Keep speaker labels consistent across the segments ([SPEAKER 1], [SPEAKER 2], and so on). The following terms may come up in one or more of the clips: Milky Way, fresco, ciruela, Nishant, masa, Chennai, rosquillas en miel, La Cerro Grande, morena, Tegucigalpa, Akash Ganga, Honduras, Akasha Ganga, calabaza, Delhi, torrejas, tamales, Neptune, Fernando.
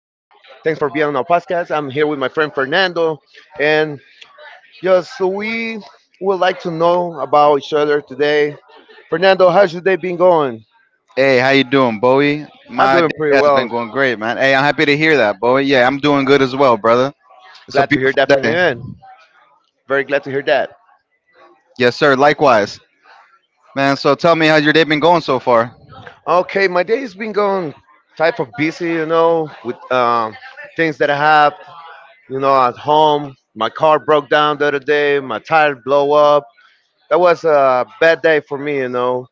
[SPEAKER 1] Thanks for being on our podcast. I'm here with my friend Fernando. And just so we would like to know about each other today. Fernando, how's your day been going?
[SPEAKER 2] Hey, how you doing, Bowie?
[SPEAKER 1] I'm
[SPEAKER 2] My day
[SPEAKER 1] doing pretty
[SPEAKER 2] has been
[SPEAKER 1] well.
[SPEAKER 2] going great, man. Hey, I'm happy to hear that, Bowie. Yeah, I'm doing good as well, brother. It's a
[SPEAKER 1] Glad to hear
[SPEAKER 2] beautiful
[SPEAKER 1] that from you,
[SPEAKER 2] day.
[SPEAKER 1] and very glad to hear that.
[SPEAKER 2] Yes, sir. Likewise, man. So tell me, how's your day been going so far?
[SPEAKER 1] Okay, my day's been going type of busy, you know, with things that I have, at home. My car broke down the other day. My tire blow up. That was a bad day for me, you know.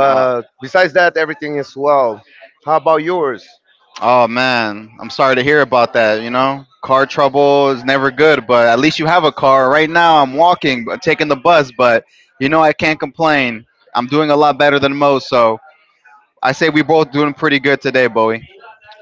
[SPEAKER 2] Uh,
[SPEAKER 1] besides that, everything is well. How about yours?
[SPEAKER 2] oh man, I'm sorry to hear about that. You know, car trouble is never good, but at least you have a car. Right now, I'm walking, but taking the bus, but you know, I can't complain. I'm doing a lot better than most, so I say we both doing pretty good today, Bowie.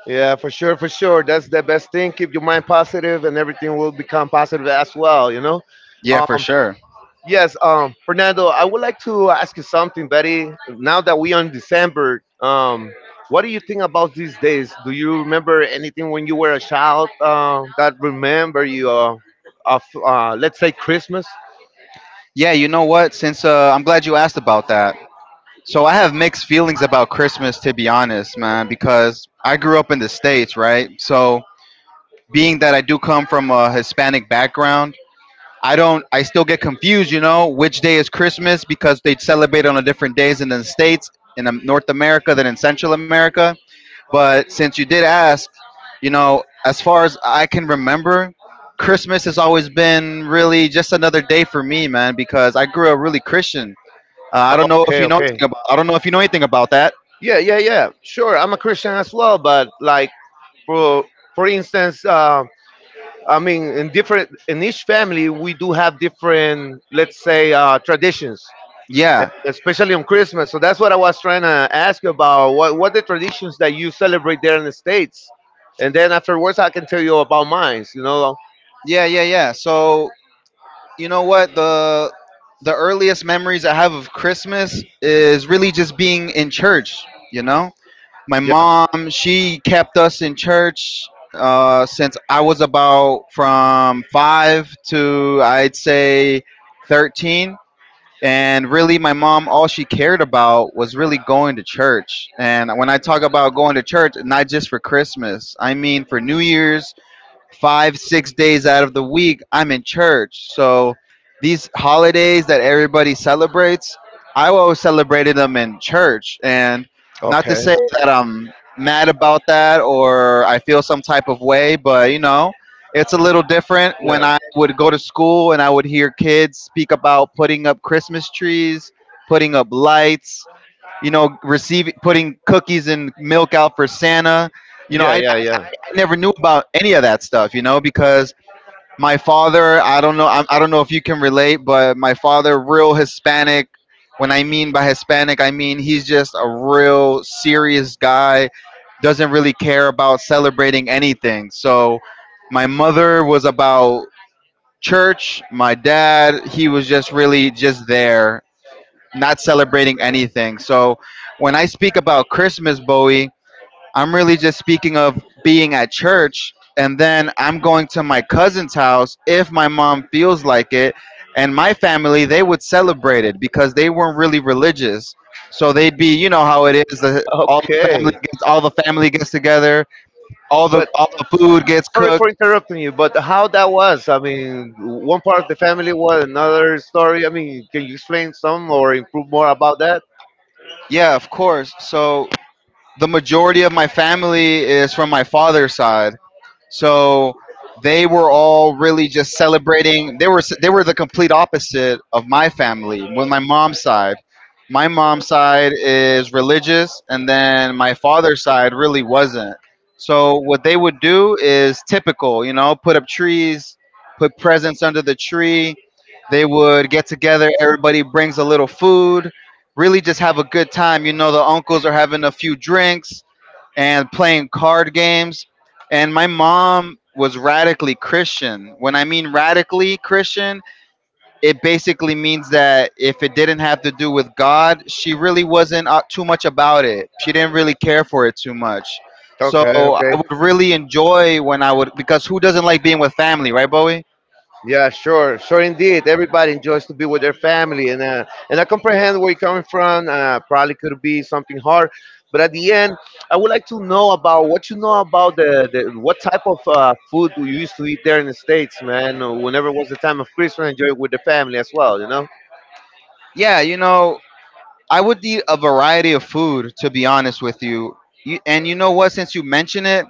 [SPEAKER 1] Yeah, for sure, for sure. That's the best thing. Keep your mind positive, and everything will become positive as well. You know.
[SPEAKER 2] Yeah, for
[SPEAKER 1] Um,
[SPEAKER 2] sure.
[SPEAKER 1] yes, Fernando, I would like to ask you something, Betty. Now that we are in December, what do you think about these days? Do you remember anything when you were a child that remember you of let's say Christmas?
[SPEAKER 2] Yeah, you know what? Since I'm glad you asked about that. So I have mixed feelings about Christmas, to be honest, man, because I grew up in the States, right? So being that I do come from a Hispanic background, I don't, I still get confused, you know, which day is Christmas because they celebrate on a different days in the States, in North America than in Central America. But since you did ask, you know, as far as I can remember, Christmas has always been really just another day for me, man, because I grew up really Christian. I don't know if
[SPEAKER 1] Okay,
[SPEAKER 2] you know
[SPEAKER 1] okay.
[SPEAKER 2] anything about, I don't know if you know anything about that.
[SPEAKER 1] Yeah, yeah, yeah. Sure, I'm a Christian as well, but like for for instance I mean in each family we do have different, let's say, traditions,
[SPEAKER 2] Yeah,
[SPEAKER 1] especially on Christmas. So that's what I was trying to ask you about: what the traditions that you celebrate there in the States, and then afterwards I can tell you about mine, you know.
[SPEAKER 2] yeah, yeah, yeah. So you know what the earliest memories I have of Christmas is really just being in church. You know, my mom she kept us in church since I was about from 5 to I'd say 13. And really, my mom, all she cared about was really going to church. And when I talk about going to church, not just for Christmas, I mean for New Year's, 5, 6 days out of the week, I'm in church. So these holidays that everybody celebrates, I always celebrated them in church. And not to
[SPEAKER 1] Okay.
[SPEAKER 2] say that I'm mad about that or I feel some type of way, but you know, it's a little different when
[SPEAKER 1] Yeah.
[SPEAKER 2] I would go to school and I would hear kids speak about putting up Christmas trees, putting up lights, you know, receiving, putting cookies and milk out for Santa, you know,
[SPEAKER 1] Yeah.
[SPEAKER 2] I,
[SPEAKER 1] Yeah.
[SPEAKER 2] I never knew about any of that stuff, you know, because
[SPEAKER 1] Yeah.
[SPEAKER 2] my father, I don't know, I don't know if you can relate, but my father, real Hispanic. When I mean by Hispanic, I mean he's just a real serious guy, doesn't really care about celebrating anything. So my mother was about church. My dad, he was just really just there, not celebrating anything. So when I speak about Christmas, Bowie, I'm really just speaking of being at church and then I'm going to my cousin's house if my mom feels like it. And my family, they would celebrate it because they weren't really religious. So they'd be, you know how it is, all the family
[SPEAKER 1] Okay.
[SPEAKER 2] gets all the family gets together, all the
[SPEAKER 1] But
[SPEAKER 2] all the food gets
[SPEAKER 1] sorry
[SPEAKER 2] cooked.
[SPEAKER 1] for interrupting you, but how that was? I mean, one part of the family was another story. I mean, can you explain some or improve more about that?
[SPEAKER 2] Yeah, of course. So the majority of my family is from my father's side. So they were all really just celebrating. They were the complete opposite of my family. With my mom's side is religious, and then my father's side really wasn't. So what they would do is typical, you know, put up trees, put presents under the tree. They would get together. Everybody brings a little food. Really, just have a good time. You know, the uncles are having a few drinks and playing card games. And my mom was radically Christian. When I mean radically Christian, it basically means that if it didn't have to do with God, she really wasn't too much about it. She didn't really care for it too much. So
[SPEAKER 1] Okay, okay.
[SPEAKER 2] I would really enjoy when I would, because who doesn't like being with family, right, Bowie?
[SPEAKER 1] Yeah, sure, sure, indeed. Everybody enjoys to be with their family, and I comprehend where you're coming from. Probably could be something hard, but at the end, I would like to know about what you know about the what type of food you used to eat there in the States, man. Whenever was the time of Christmas, enjoy it with the family as well, you know.
[SPEAKER 2] Yeah, you know, I would eat a variety of food, to be honest with you. You and you know what? Since you mention it,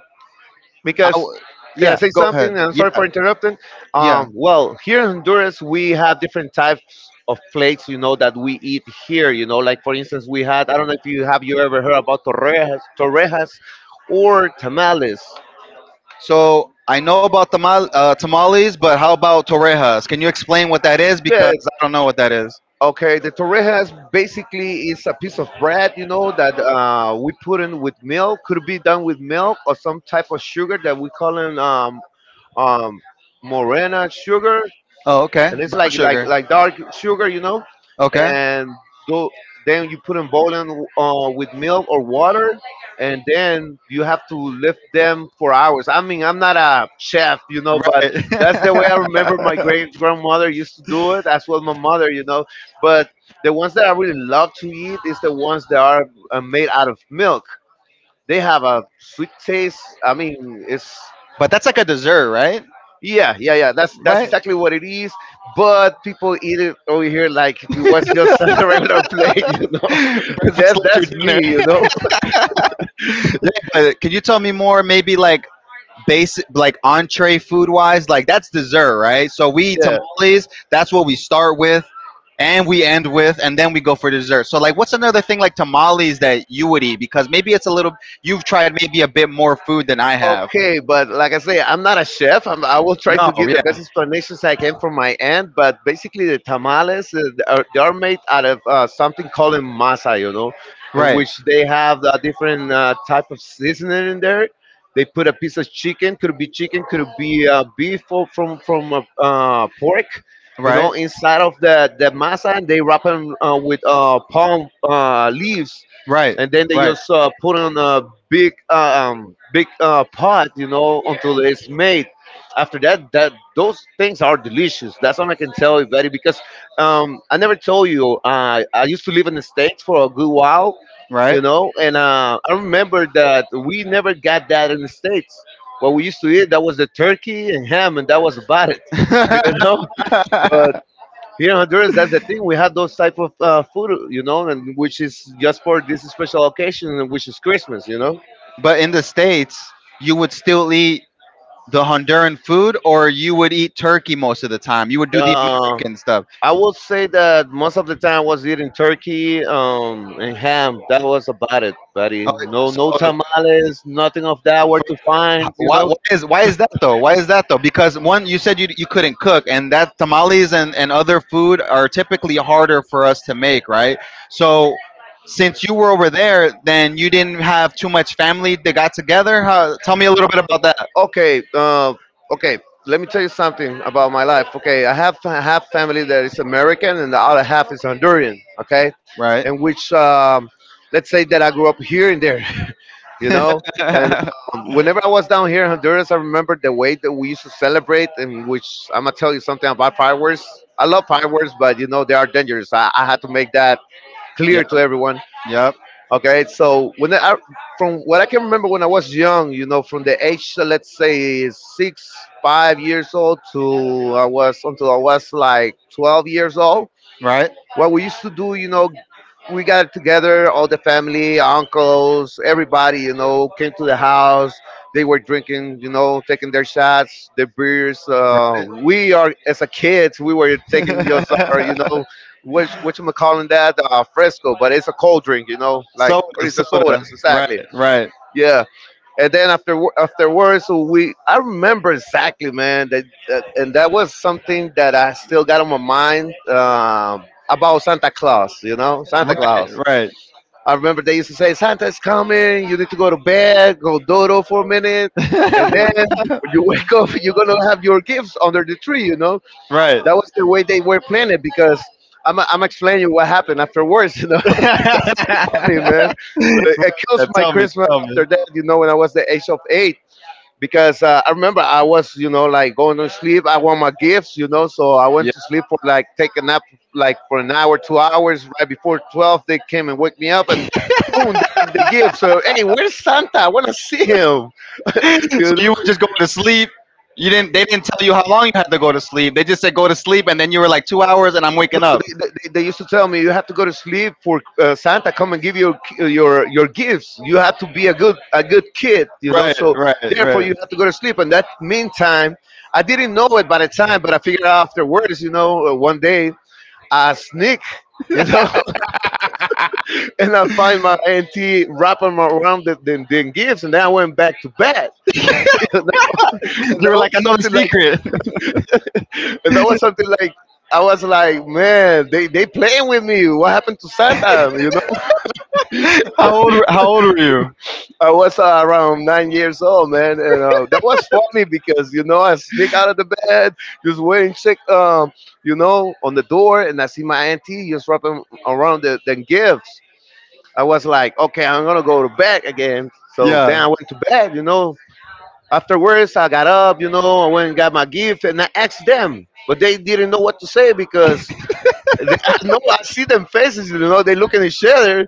[SPEAKER 2] I
[SPEAKER 1] Because
[SPEAKER 2] w-
[SPEAKER 1] Can I
[SPEAKER 2] yeah,
[SPEAKER 1] say
[SPEAKER 2] go ahead.
[SPEAKER 1] something? I'm sorry
[SPEAKER 2] Yeah,
[SPEAKER 1] for interrupting.
[SPEAKER 2] yeah.
[SPEAKER 1] Well, here in Honduras, we have different types of plates, you know, that we eat here. You know, like for instance, we had I don't know if you ever heard about torrejas, or tamales.
[SPEAKER 2] So I know about tamales, but how about torrejas? Can you explain what that is?
[SPEAKER 1] Yeah.
[SPEAKER 2] Because I don't know what that is.
[SPEAKER 1] Okay. The torrejas basically is a piece of bread, you know, that we put in with milk. Could be done with milk or some type of sugar that we call in um, morena sugar,
[SPEAKER 2] Oh, okay.
[SPEAKER 1] and it's
[SPEAKER 2] Brown
[SPEAKER 1] like like
[SPEAKER 2] sugar.
[SPEAKER 1] like dark sugar, you know,
[SPEAKER 2] Okay.
[SPEAKER 1] and do, then you put them boiling with milk or water, and then you have to lift them for hours. I mean, I'm not a chef, you know, but
[SPEAKER 2] Right.
[SPEAKER 1] that's the way I remember my great grandmother used to do it, as well my mother, you know. But the ones that I really love to eat is the ones that are made out of milk. They have a sweet taste. I mean, it's
[SPEAKER 2] But that's like a dessert, right?
[SPEAKER 1] yeah, yeah, yeah. That's
[SPEAKER 2] Right?
[SPEAKER 1] exactly what it is. But people eat it over here like if it was just a regular plate, you
[SPEAKER 2] Breakfast,
[SPEAKER 1] know. that's
[SPEAKER 2] lunch, or
[SPEAKER 1] that's me,
[SPEAKER 2] dinner.
[SPEAKER 1] you know.
[SPEAKER 2] Yeah, but can you tell me more? Maybe like basic like entree food wise, like that's dessert, right? So we eat
[SPEAKER 1] Yeah.
[SPEAKER 2] tamales, that's what we start with and we end with and then we go for dessert. So like what's another thing like tamales that you would eat, because maybe it's a little, you've tried maybe a bit more food than I have.
[SPEAKER 1] Okay, but like I say, I'm not a chef. I will try
[SPEAKER 2] No,
[SPEAKER 1] to give the best
[SPEAKER 2] yeah.
[SPEAKER 1] explanations I can from my end. But basically, the tamales they are made out of something called masa, you know, in
[SPEAKER 2] Right.
[SPEAKER 1] which they have a different type of seasoning in there. They put a piece of chicken, could be beef or from pork, you know,
[SPEAKER 2] Right.
[SPEAKER 1] inside of the masa, and they wrap them with palm leaves,
[SPEAKER 2] Right.
[SPEAKER 1] and then they
[SPEAKER 2] Right.
[SPEAKER 1] just put on a big big pot, you know, until it's made. After that, those things are delicious. That's all I can tell you, buddy. Because I never told you, I used to live in the States for a good while,
[SPEAKER 2] Right.
[SPEAKER 1] you know, and I remember that we never got that in the States. What we used to eat that was the turkey and ham, and that was about it, you know. Here in Honduras, that's the thing. We have those type of food, you know, and which is just for this special occasion, and which is Christmas, you know.
[SPEAKER 2] But in the States, you would still eat the Honduran food or you would eat turkey most of the time. You would do the
[SPEAKER 1] Uh,
[SPEAKER 2] American stuff.
[SPEAKER 1] I would say that most of the time I was eating turkey and ham. That was about it, buddy.
[SPEAKER 2] Okay,
[SPEAKER 1] No, no
[SPEAKER 2] so
[SPEAKER 1] tamales, nothing of that. Where to
[SPEAKER 2] h-
[SPEAKER 1] find, you
[SPEAKER 2] why,
[SPEAKER 1] know?
[SPEAKER 2] why is why is that though? Why is that though? Because one, you said you couldn't cook, and that tamales and other food are typically harder for us to make, right? So since you were over there, then you didn't have too much family that got together. How, tell me a little bit about that,
[SPEAKER 1] Okay, okay. Let me tell you something about my life. Okay, I have family that is American, and the other half is Honduran. Okay,
[SPEAKER 2] right?
[SPEAKER 1] and which let's say that I grew up here and there, you know. And whenever I was down here in Honduras, I remember the way that we used to celebrate, and which I'm gonna tell you something about fireworks. I love fireworks, but you know they are dangerous. I had to make that clear
[SPEAKER 2] Yep.
[SPEAKER 1] to everyone.
[SPEAKER 2] Yep.
[SPEAKER 1] Okay, so from what I can remember when I was young, you know, from the age let's say 5 years old to I was until I was like 12 years old,
[SPEAKER 2] Right.
[SPEAKER 1] what we used to do, you know, we got together, all the family, uncles, everybody, you know, came to the house. They were drinking, you know, taking their shots, their beers. As a kids, we were taking just, you know, what you calling that, fresco, but it's a cold drink, you know, like,
[SPEAKER 2] Soda.
[SPEAKER 1] or it's a
[SPEAKER 2] Soda.
[SPEAKER 1] sodas,
[SPEAKER 2] Right.
[SPEAKER 1] exactly.
[SPEAKER 2] Right.
[SPEAKER 1] Yeah, and then afterwards, we I remember exactly, man, that was something that I still got on my mind about Santa Claus, you know. Santa Claus,
[SPEAKER 2] Right. Right.
[SPEAKER 1] I remember they used to say, Santa's coming, you need to go to bed, go dodo for a minute, and then when you wake up, you're gonna have your gifts under the tree, you know.
[SPEAKER 2] Right.
[SPEAKER 1] That was the way they were planning it. Because I'm explaining what happened afterwards, you know. That's something
[SPEAKER 2] Yeah,
[SPEAKER 1] funny, man. It kills my
[SPEAKER 2] tell me,
[SPEAKER 1] Christmas
[SPEAKER 2] tell me.
[SPEAKER 1] after that, you know, when I was the age of eight. Because I remember I was, you know, like going to sleep. I want my gifts, you know, so I went to
[SPEAKER 2] Yeah.
[SPEAKER 1] sleep for like take a nap like for an hour, 2 hours. Right before 12, they came and woke me up, and boom, there the gift. So hey, where's Santa? I want to see him.
[SPEAKER 2] So
[SPEAKER 1] You
[SPEAKER 2] you were just going to sleep. You didn't. They didn't tell you how long you had to go to sleep. They just said go to sleep, and then you were like two
[SPEAKER 1] know?
[SPEAKER 2] hours, and I'm waking up.
[SPEAKER 1] They used to tell me, you have to go to sleep for Santa come and give your gifts. You have to be a good kid, you know.
[SPEAKER 2] Right,
[SPEAKER 1] So
[SPEAKER 2] right,
[SPEAKER 1] therefore,
[SPEAKER 2] right.
[SPEAKER 1] you have to go to sleep. And that meantime, I didn't know it by the time, but I figured out afterwards, you know, one day I sneak, you know, and I find my auntie wrapping my around the gifts, and then I went back to bed.
[SPEAKER 2] You
[SPEAKER 1] That
[SPEAKER 2] were
[SPEAKER 1] was
[SPEAKER 2] like, I know the
[SPEAKER 1] something
[SPEAKER 2] secret.
[SPEAKER 1] like that was something like I was like, man, they playing with me. What happened to Santa? You know,
[SPEAKER 2] How old were you?
[SPEAKER 1] I was around 9 years old, man, and that was funny because you know I sneak out of the bed, just wait and check, you know, on the door, and I see my auntie just wrapping around the gifts. I was like, okay, I'm gonna go to bed again. So then I
[SPEAKER 2] Yeah,
[SPEAKER 1] went to bed, you know. Afterwards, I got up, you know, I went and got my gift and I asked them, but they didn't know what to say because they, I know I see them faces, you know, they look at each other.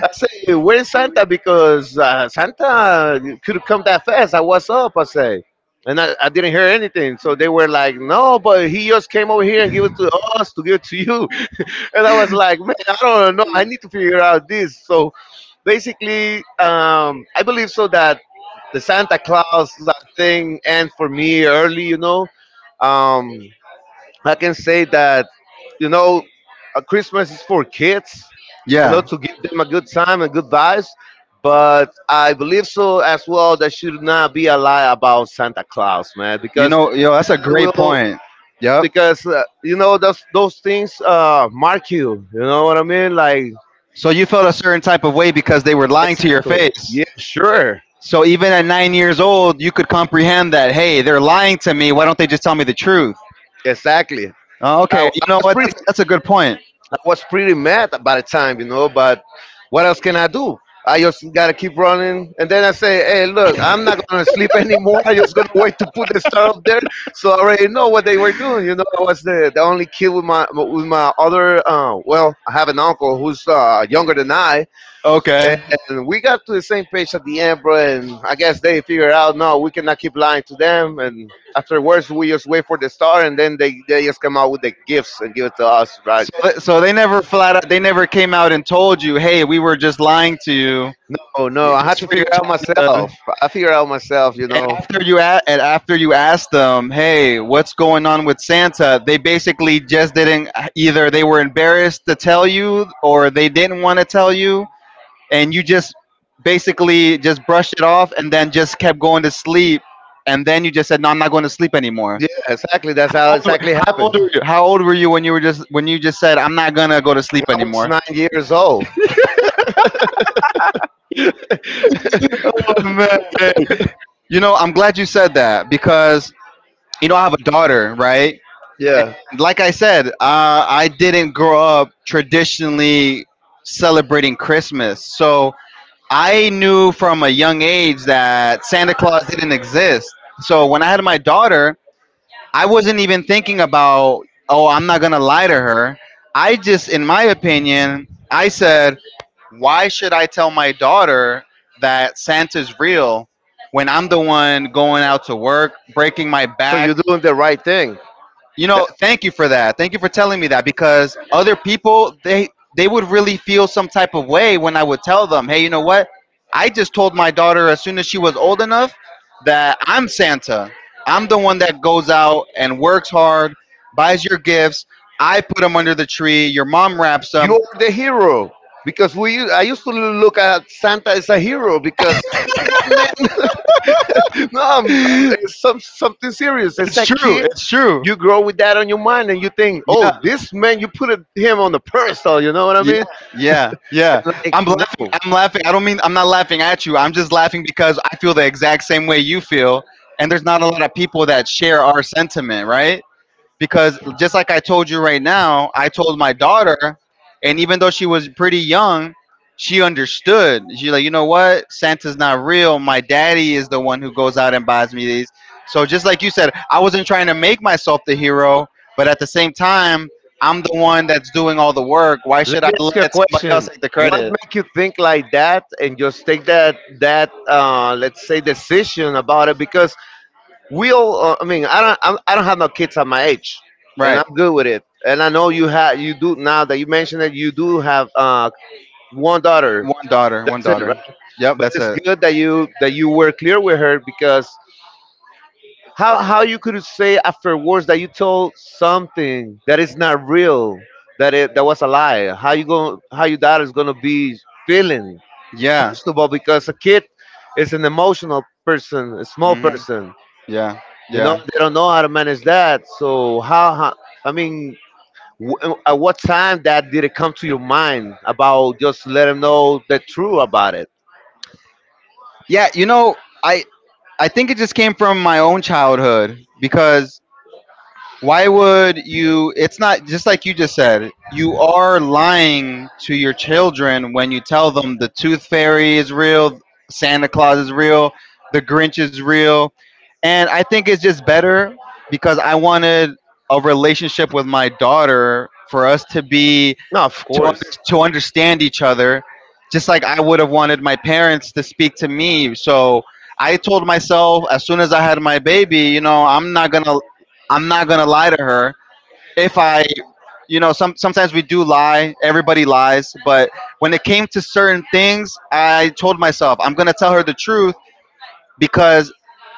[SPEAKER 1] I said, where's Santa? Because Santa could have come that fast. I was up, I say. And I didn't hear anything. So they were like, no, but he just came over here and gave it to us to give it to you. And I was like, man, I don't know. I need to figure out this. So basically, I believe so that the Santa Claus, like, thing ends for me early. You know, um, I can say that, you know, Christmas is for kids. You know,
[SPEAKER 2] yeah.
[SPEAKER 1] to give them a good time and good vibes. But I believe so as well. There should not be a lie about Santa Claus, man,
[SPEAKER 2] You
[SPEAKER 1] because
[SPEAKER 2] know, yo, that's a
[SPEAKER 1] that
[SPEAKER 2] great
[SPEAKER 1] will,
[SPEAKER 2] point. Yep.
[SPEAKER 1] because you know those things mark you. You know what I mean? Like,
[SPEAKER 2] So you felt a certain type of way because they were lying to your face.
[SPEAKER 1] yeah, sure.
[SPEAKER 2] So even at 9 years old, you could comprehend that, hey, they're lying to me. Why don't they just tell me the truth?
[SPEAKER 1] Exactly.
[SPEAKER 2] Oh,
[SPEAKER 1] I
[SPEAKER 2] okay, you know
[SPEAKER 1] was
[SPEAKER 2] what?
[SPEAKER 1] pretty.
[SPEAKER 2] That's a good point.
[SPEAKER 1] I was pretty mad by the time, but what else can I do? I just gotta keep running. And then I say, hey, look, I'm not gonna sleep anymore. I'm just gonna wait to put the star up there. So I already know what they were doing. I was the only kid with my other well, I have an uncle who's younger than I. And
[SPEAKER 2] Okay.
[SPEAKER 1] and we got to the same page at the end, bro. And I guess they figured out, no, we cannot keep lying to them. And afterwards, we just wait for the star, and then they just come out with the gifts and give it to us, right?
[SPEAKER 2] So they never came out and told you, hey, we were just lying to you.
[SPEAKER 1] No, no,
[SPEAKER 2] We're
[SPEAKER 1] I had
[SPEAKER 2] just
[SPEAKER 1] to figure out
[SPEAKER 2] for your
[SPEAKER 1] myself. I figure out myself, you
[SPEAKER 2] And
[SPEAKER 1] know.
[SPEAKER 2] after you a- and after you asked them, "Hey, what's going on with Santa?" They basically just didn't, either they were embarrassed to tell you or they didn't want to tell you, and you just basically just brushed it off and then just kept going to sleep, and then you just said, "No, I'm not going to sleep anymore."
[SPEAKER 1] Yeah, exactly. That's
[SPEAKER 2] How
[SPEAKER 1] how
[SPEAKER 2] old were,
[SPEAKER 1] exactly
[SPEAKER 2] how old
[SPEAKER 1] happens.
[SPEAKER 2] were
[SPEAKER 1] When
[SPEAKER 2] you? How old were you when you just said, "I'm not going to go to sleep
[SPEAKER 1] I was
[SPEAKER 2] anymore?"
[SPEAKER 1] 9 years old.
[SPEAKER 2] Oh, man. You know, I'm glad you said that because you know I have a daughter, right?
[SPEAKER 1] Yeah.
[SPEAKER 2] Like I said, I didn't grow up traditionally celebrating Christmas. So I knew from a young age that Santa Claus didn't exist. So when I had my daughter, I wasn't even thinking about, oh, I'm not going to lie to her. I just, in my opinion, I said, why should I tell my daughter that Santa's real when I'm the one going out to work, breaking my
[SPEAKER 1] So
[SPEAKER 2] back,
[SPEAKER 1] you're doing the right thing.
[SPEAKER 2] you
[SPEAKER 1] That,
[SPEAKER 2] know, thank you for that. Thank you for telling me that, because other people they would really feel some type of way when I would tell them, "Hey, you know what? I just told my daughter as soon as she was old enough that I'm Santa. I'm the one that goes out and works hard, buys your gifts. I put them under the tree. Your mom wraps them."
[SPEAKER 1] You're the hero. Because I used to look at Santa as a hero because, man, no,
[SPEAKER 2] It's
[SPEAKER 1] it's something serious. As a
[SPEAKER 2] true.
[SPEAKER 1] kid,
[SPEAKER 2] It's true.
[SPEAKER 1] you grow with that on your mind and you think, oh,
[SPEAKER 2] Yeah.
[SPEAKER 1] this man, you put him on the pedestal. You know what I
[SPEAKER 2] Yeah,
[SPEAKER 1] mean?
[SPEAKER 2] yeah, yeah.
[SPEAKER 1] And,
[SPEAKER 2] I'm
[SPEAKER 1] like,
[SPEAKER 2] laughing.
[SPEAKER 1] no.
[SPEAKER 2] I'm laughing. I don't mean, I'm not laughing at you. I'm just laughing because I feel the exact same way you feel, and there's not a lot of people that share our sentiment, right? Because just like I told you right now, I told my daughter, and even though she was pretty young, she understood. She's like, you know what? Santa's not real. My daddy is the one who goes out and buys me these. So just like you said, I wasn't trying to make myself the hero, but at the same time, I'm the one that's doing all the work. Why
[SPEAKER 1] Let
[SPEAKER 2] should I
[SPEAKER 1] me ask you a
[SPEAKER 2] let somebody else
[SPEAKER 1] question.
[SPEAKER 2] take the
[SPEAKER 1] What
[SPEAKER 2] credit?
[SPEAKER 1] make you think like that and just take that let's say decision about it? Because Will I mean, I don't have no kids at my age, and
[SPEAKER 2] Right.
[SPEAKER 1] I'm good with it. And I know you do now that you mentioned it. You do have one daughter.
[SPEAKER 2] One daughter. One
[SPEAKER 1] That's it, right?
[SPEAKER 2] daughter. Yep,
[SPEAKER 1] But
[SPEAKER 2] that's
[SPEAKER 1] it's
[SPEAKER 2] it.
[SPEAKER 1] good that you were clear with her because how you could say afterwards that you told something that is not real, that it that was a lie. How your daughter is gonna be feeling?
[SPEAKER 2] Yeah.
[SPEAKER 1] First of all, because a kid is an emotional person, a small
[SPEAKER 2] Hmm.
[SPEAKER 1] person.
[SPEAKER 2] Yeah. Yeah.
[SPEAKER 1] They don't know how to manage that. So how I mean, at what time that did it come to your mind about just let them know the truth about it?
[SPEAKER 2] Yeah, you know, I I think it just came from my own childhood because why would you, it's not just like you just said, you are lying to your children when you tell them the tooth fairy is real, Santa Claus is real, the Grinch is real. And I think it's just better because I wanted a relationship with my daughter for us to be
[SPEAKER 1] No, of
[SPEAKER 2] to un-
[SPEAKER 1] course.
[SPEAKER 2] to understand each other just like I would have wanted my parents to speak to me, so I told myself as soon as I had my baby, you know, I'm not going to lie to her. If I you know some Sometimes we do lie, everybody lies, but when it came to certain things, I told myself I'm going to tell her the truth, because,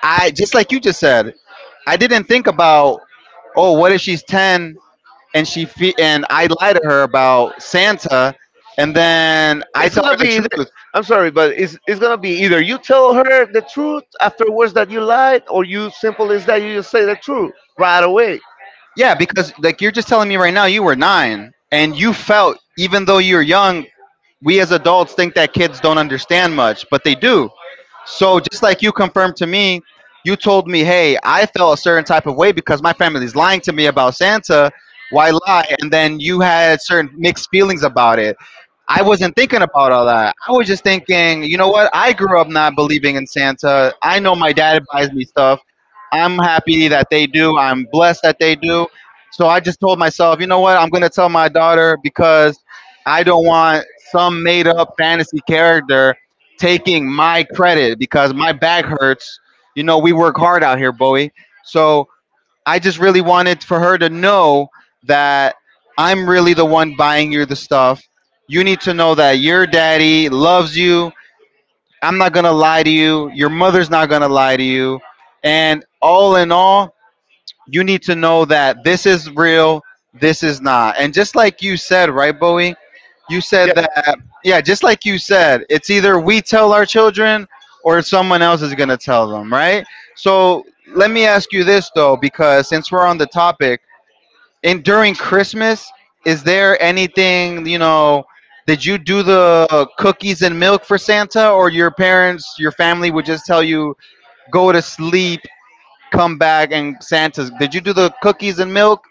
[SPEAKER 2] I just like you just said, I didn't think about, oh, what if she's 10 and I lie to her about Santa, and then I
[SPEAKER 1] It's
[SPEAKER 2] tell her
[SPEAKER 1] gonna
[SPEAKER 2] the
[SPEAKER 1] be. Either,
[SPEAKER 2] truth?
[SPEAKER 1] I'm sorry, but it's gonna be either you tell her the truth afterwards that you lied, or you simple as that you just say the truth right away.
[SPEAKER 2] Yeah, because like you're just telling me right now, you were nine, and you felt, even though you are young. We as adults think that kids don't understand much, but they do. So just like you confirmed to me, you told me, hey, I felt a certain type of way because my family's lying to me about Santa. Why lie? And then you had certain mixed feelings about it. I wasn't thinking about all that. I was just thinking, you know what? I grew up not believing in Santa. I know my dad buys me stuff. I'm happy that they do. I'm blessed that they do. So I just told myself, you know what? I'm going to tell my daughter, because I don't want some made up fantasy character taking my credit because my back hurts. You know, we work hard out here, Bowie. So I just really wanted for her to know that I'm really the one buying you the stuff. You need to know that your daddy loves you. I'm not going to lie to you. Your mother's not going to lie to you. And all in all, you need to know that this is real, this is not. And just like you said, right, Bowie? You
[SPEAKER 1] Yeah.
[SPEAKER 2] said that, yeah, just like you said, it's either we tell our children or someone else is going to tell them, right? So let me ask you this, though. Because since we're on the topic, and during Christmas, is there anything, you know, did you do the cookies and milk for Santa, or your parents, your family would just tell you, go to sleep, come back and Santa's. Did you do the cookies and milk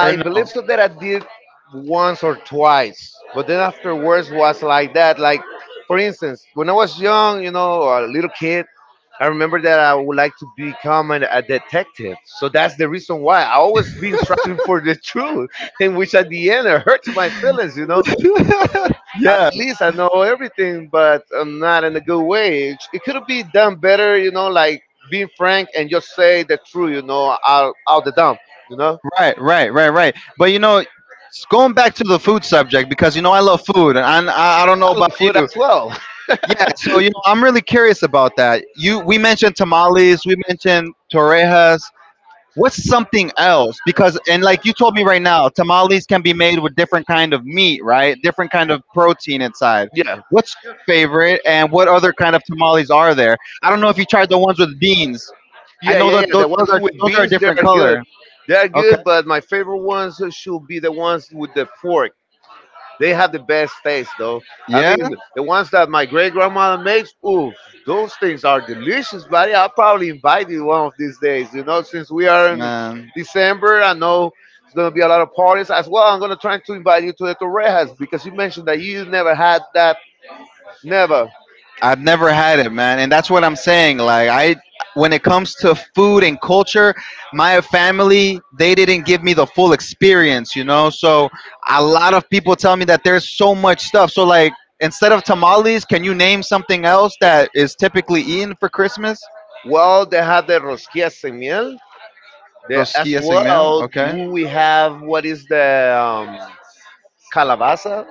[SPEAKER 2] or no?
[SPEAKER 1] believe so that I did once or twice, but then afterwards was like that. Like, for instance, when I was young, a little kid, I remember that I would like to become a detective. So that's the reason why I always been striving for the truth, in which at the end it hurts my feelings. At
[SPEAKER 2] Yeah,
[SPEAKER 1] least I know everything, but I'm not in a good way. It could be done better, like being frank and just say the truth, out the dump, you know?
[SPEAKER 2] right, right, right, right. But you know, going back to the food subject, because you know I love food, and I don't know
[SPEAKER 1] I look
[SPEAKER 2] about
[SPEAKER 1] food
[SPEAKER 2] you.
[SPEAKER 1] as well.
[SPEAKER 2] Yeah, so you, I'm really curious about that. You, we mentioned tamales, we mentioned torrejas. What's something else? Because, and like you told me right now, tamales can be made with different kind of meat, right? Different kind of protein inside.
[SPEAKER 1] Yeah,
[SPEAKER 2] What's your favorite, and what other kind of tamales are there? I don't know if you tried the ones with beans. I
[SPEAKER 1] yeah,
[SPEAKER 2] know
[SPEAKER 1] yeah,
[SPEAKER 2] that
[SPEAKER 1] yeah.
[SPEAKER 2] those,
[SPEAKER 1] The
[SPEAKER 2] those
[SPEAKER 1] ones
[SPEAKER 2] are
[SPEAKER 1] with
[SPEAKER 2] those are a
[SPEAKER 1] beans, they
[SPEAKER 2] different
[SPEAKER 1] are good.
[SPEAKER 2] color.
[SPEAKER 1] They are
[SPEAKER 2] Okay.
[SPEAKER 1] good, but my favorite ones should be the ones with the pork. They have the best taste, though. I
[SPEAKER 2] Yeah.
[SPEAKER 1] mean, the ones that my great grandmother makes, ooh, those things are delicious, buddy. I'll probably invite you one of these days. Since we are in
[SPEAKER 2] Man.
[SPEAKER 1] December, I know it's gonna be a lot of parties as well. I'm gonna try to invite you to the Torrejas because you mentioned that you never had that. Never.
[SPEAKER 2] I've never had it, man, and that's what I'm saying. When it comes to food and culture, my family, they didn't give me the full experience, you know. So a lot of people tell me that there's so much stuff. So, like, instead of tamales, can you name something else that is typically eaten for Christmas?
[SPEAKER 1] Well, they have the rosquillas en miel. They, as
[SPEAKER 2] Rosquillas en miel.
[SPEAKER 1] well,
[SPEAKER 2] Okay,
[SPEAKER 1] do we have what is the calabaza?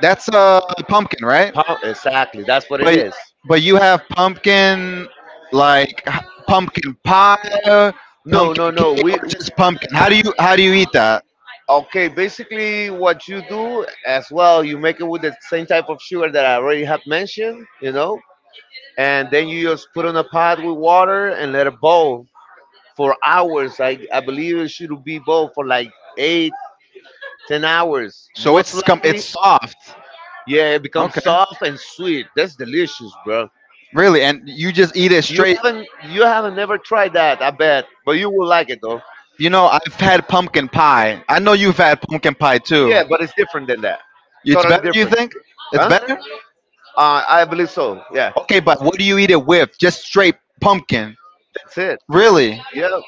[SPEAKER 2] that's pumpkin, right?
[SPEAKER 1] Exactly, that's what it
[SPEAKER 2] But
[SPEAKER 1] is.
[SPEAKER 2] but you have pumpkin, like h- pumpkin pie,
[SPEAKER 1] No,
[SPEAKER 2] pumpkin
[SPEAKER 1] no, no.
[SPEAKER 2] cake,
[SPEAKER 1] We
[SPEAKER 2] or just pumpkin. How do you eat that?
[SPEAKER 1] Okay. Basically, what you do as well, you make it with the same type of sugar that I already have mentioned. And then you just put on a pot with water and let it boil for hours. I believe it should be boil for like eight, 10 hours, so
[SPEAKER 2] So
[SPEAKER 1] most likely.
[SPEAKER 2] it's soft.
[SPEAKER 1] Yeah, it becomes, okay,
[SPEAKER 2] Okay.
[SPEAKER 1] soft and sweet. That's delicious, bro.
[SPEAKER 2] Really, and you just eat it
[SPEAKER 1] You
[SPEAKER 2] straight.
[SPEAKER 1] haven't you haven't never tried that, I bet. But you will like it though.
[SPEAKER 2] You know, I've had pumpkin pie. I know you've had pumpkin pie too.
[SPEAKER 1] Yeah, but it's different than that.
[SPEAKER 2] It's
[SPEAKER 1] Totally
[SPEAKER 2] better, you
[SPEAKER 1] different.
[SPEAKER 2] think? It's
[SPEAKER 1] Huh?
[SPEAKER 2] better?
[SPEAKER 1] I believe so. Yeah.
[SPEAKER 2] Okay, but what do
[SPEAKER 1] That's
[SPEAKER 2] you eat it with? Just straight pumpkin.
[SPEAKER 1] it.
[SPEAKER 2] Really?
[SPEAKER 1] Yeah.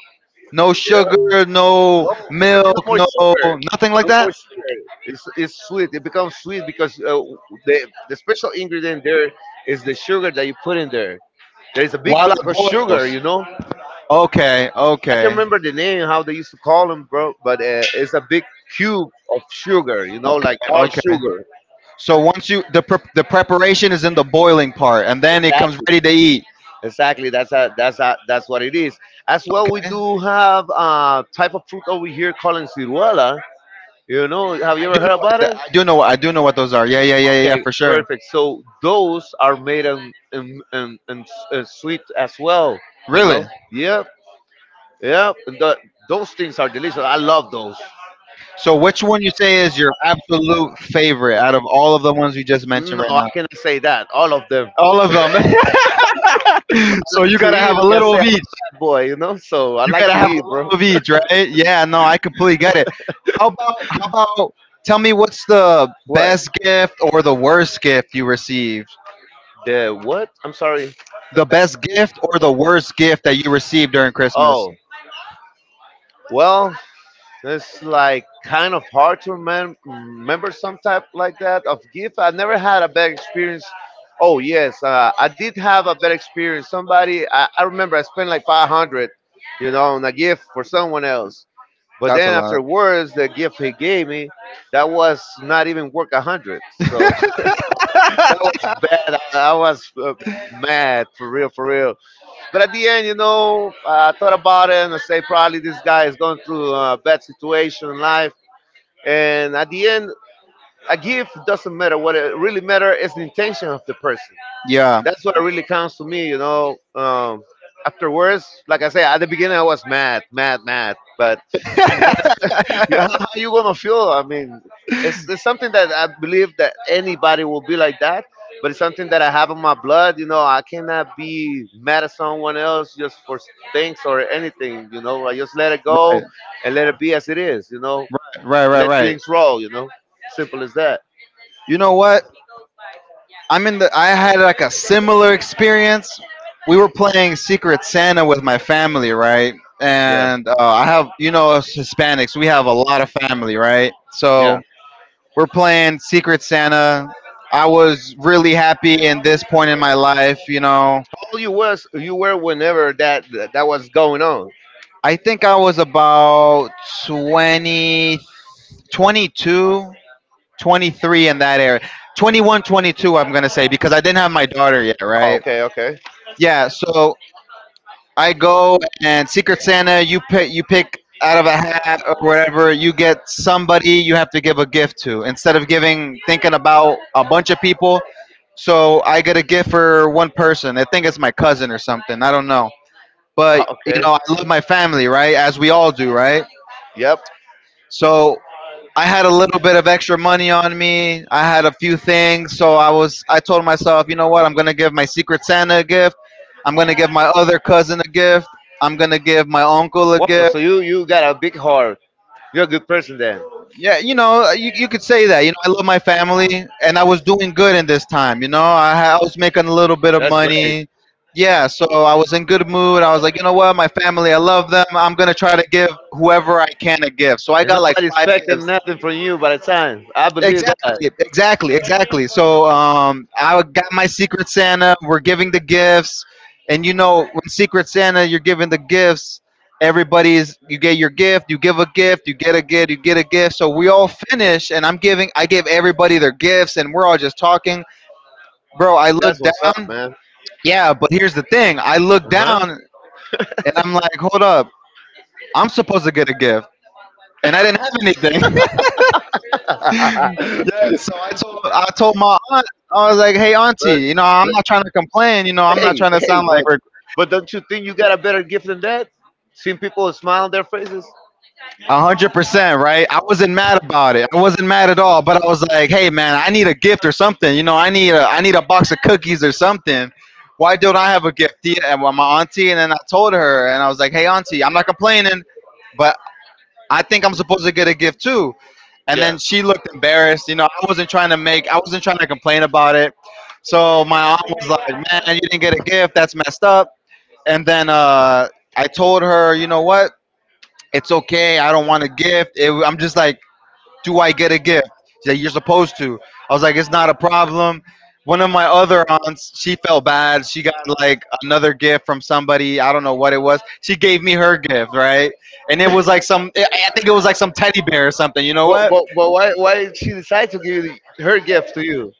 [SPEAKER 2] No
[SPEAKER 1] Yeah.
[SPEAKER 2] sugar, no
[SPEAKER 1] No, there's no
[SPEAKER 2] milk,
[SPEAKER 1] more
[SPEAKER 2] no
[SPEAKER 1] sugar.
[SPEAKER 2] nothing like
[SPEAKER 1] No more
[SPEAKER 2] that?
[SPEAKER 1] sugar. It's sweet. It becomes sweet because the special ingredient there is the sugar that you put in there. There is a big
[SPEAKER 2] While
[SPEAKER 1] block of
[SPEAKER 2] it
[SPEAKER 1] sugar,
[SPEAKER 2] boils.
[SPEAKER 1] you know.
[SPEAKER 2] Okay,
[SPEAKER 1] I can
[SPEAKER 2] okay,
[SPEAKER 1] remember the name how they used to call them, bro. But it's a big cube of sugar,
[SPEAKER 2] okay,
[SPEAKER 1] like dark
[SPEAKER 2] okay.
[SPEAKER 1] sugar.
[SPEAKER 2] So once you the preparation is in the boiling part, and then it comes
[SPEAKER 1] Exactly.
[SPEAKER 2] ready to eat.
[SPEAKER 1] Exactly. That's what it is. As well,
[SPEAKER 2] Okay,
[SPEAKER 1] we
[SPEAKER 2] I do
[SPEAKER 1] do have a type of fruit over here called ciruela. Have you
[SPEAKER 2] you
[SPEAKER 1] ever
[SPEAKER 2] know
[SPEAKER 1] heard about
[SPEAKER 2] what- I
[SPEAKER 1] it?
[SPEAKER 2] do you know what I do know what those are. Yeah, yeah, yeah, yeah, yeah,
[SPEAKER 1] Okay,
[SPEAKER 2] for sure.
[SPEAKER 1] perfect. So those are made in sweet as well.
[SPEAKER 2] Really.
[SPEAKER 1] Yep. Yep. And those things are delicious. I love those.
[SPEAKER 2] So which one you say is your absolute favorite out of all of the ones you just
[SPEAKER 1] No,
[SPEAKER 2] mentioned right
[SPEAKER 1] I
[SPEAKER 2] now?
[SPEAKER 1] cannot say that. All of them.
[SPEAKER 2] All of them.
[SPEAKER 1] I
[SPEAKER 2] So
[SPEAKER 1] like
[SPEAKER 2] you
[SPEAKER 1] to
[SPEAKER 2] gotta
[SPEAKER 1] eat.
[SPEAKER 2] have a
[SPEAKER 1] Like I
[SPEAKER 2] little
[SPEAKER 1] say,
[SPEAKER 2] of
[SPEAKER 1] I'm
[SPEAKER 2] each.
[SPEAKER 1] a fat boy. So I
[SPEAKER 2] You
[SPEAKER 1] like
[SPEAKER 2] gotta
[SPEAKER 1] to
[SPEAKER 2] have a
[SPEAKER 1] eat,
[SPEAKER 2] little
[SPEAKER 1] bro.
[SPEAKER 2] of each, right? Yeah, no, I completely get it. How about tell me, what's the
[SPEAKER 1] What?
[SPEAKER 2] best gift or the worst gift you received?
[SPEAKER 1] The what? I'm sorry.
[SPEAKER 2] The best gift or the worst gift that you received during Christmas?
[SPEAKER 1] Oh, well, it's like kind of hard to remember some type like that of gift. I never had a bad experience. Oh yes, I did have a bad experience. I remember I spent like 500, on a gift for someone else. But
[SPEAKER 2] That's a
[SPEAKER 1] then
[SPEAKER 2] lot.
[SPEAKER 1] afterwards, the gift he gave me, that was not even worth 100. So that was bad. I was mad for real, for real. But at the end, I thought about it and I say probably this guy is going through a bad situation in life. And at the end, a gift doesn't matter. What it really matters is the intention of the person.
[SPEAKER 2] Yeah.
[SPEAKER 1] That's what really counts to me. Afterwards, like I say, at the beginning I was mad, mad, mad. But yeah, how you gonna feel? I mean, it's something that I believe that anybody will be like that, but it's something that I have in my blood. I cannot be mad at someone else just for things or anything. I just let it
[SPEAKER 2] Right.
[SPEAKER 1] go and let it be as it is.
[SPEAKER 2] Right. Right.
[SPEAKER 1] Let
[SPEAKER 2] Right.
[SPEAKER 1] things roll. Simple as that.
[SPEAKER 2] You know what? I'm in the. I had like a similar experience. We were playing Secret Santa with my family, right?
[SPEAKER 1] Yeah.
[SPEAKER 2] And I have, you know, us Hispanics, we have a lot of family, right? So
[SPEAKER 1] Yeah.
[SPEAKER 2] we're playing Secret Santa. I was really happy in this point in my life, you know.
[SPEAKER 1] How old you were whenever that was going on?
[SPEAKER 2] I think I was about 20, 22, 23, in that area. 2122, I'm going to say, because I didn't have my daughter yet,
[SPEAKER 1] Oh,
[SPEAKER 2] right?
[SPEAKER 1] okay, okay.
[SPEAKER 2] Yeah, so I go, and Secret Santa, you pick out of a hat or whatever, you get somebody you have to give a gift to instead of giving, thinking about a bunch of people. So I get a gift for one person. I think it's my cousin or something, I don't know. But you know, I love my family, right? As we all do, right?
[SPEAKER 1] Yep.
[SPEAKER 2] So I had a little bit of extra money on me. I had a few things, so I told myself, you know what? I'm going to give my secret Santa a gift. I'm going to give my other cousin a gift. I'm going to give my uncle a gift.
[SPEAKER 1] You got a big heart. You're a good person then.
[SPEAKER 2] Yeah, you know, you could say that. You know, I love my family, and I was doing good in this time, you know. I was making a little bit of money. Yeah, so I was in good mood. I was like, you know what? My family, I love them. I'm going to try to give whoever I can a gift. So I got like five gifts.
[SPEAKER 1] Nothing from you by the time. I
[SPEAKER 2] Exactly, exactly, exactly. So I got my Secret Santa. We're giving the gifts, and, you know, when Secret Santa, you're giving the gifts. Everybody's, you get your gift, you give a gift, you get a gift, you get a gift. So we all finish, and I'm giving. I gave everybody their gifts, and we're all just talking, bro. I look
[SPEAKER 1] up,
[SPEAKER 2] down.
[SPEAKER 1] man.
[SPEAKER 2] Yeah, but here's the thing. I look down, and I'm like, hold up. I'm supposed to get a gift, and I didn't have anything.
[SPEAKER 1] Uh
[SPEAKER 2] So so I
[SPEAKER 1] huh.
[SPEAKER 2] told my aunt, I was like, "Hey, auntie, you know, I'm not trying to complain. You know,
[SPEAKER 1] I'm
[SPEAKER 2] I'm not trying to
[SPEAKER 1] hey,
[SPEAKER 2] sound
[SPEAKER 1] but
[SPEAKER 2] like
[SPEAKER 1] but don't you think you got a better gift than that? Seeing people smile on their faces. A
[SPEAKER 2] 100%, right? I wasn't mad about it. I wasn't mad at all. But I was like, hey, man, I need a gift or something. You know, I need a box of cookies or something. Why don't I have a gift? Tia?" And my auntie, and then I told her, and I was like, hey, auntie, I'm not complaining, but I think I'm supposed to get a gift too. And then she looked embarrassed. You know, I wasn't trying to complain about it. So my aunt was like, man, you didn't get a gift. That's messed up. And then I told her, you know what? It's okay. I don't want a gift. I'm just like, do I get a gift? She's like, you're supposed to. I was like, it's not a problem. One of my other aunts, she felt bad. She got like another gift from somebody, I don't know what it was. She gave me her gift, right? And it was like some, I think it was like some teddy bear or something. You know
[SPEAKER 1] but,
[SPEAKER 2] what?
[SPEAKER 1] but why did she decide to give you her gift to you?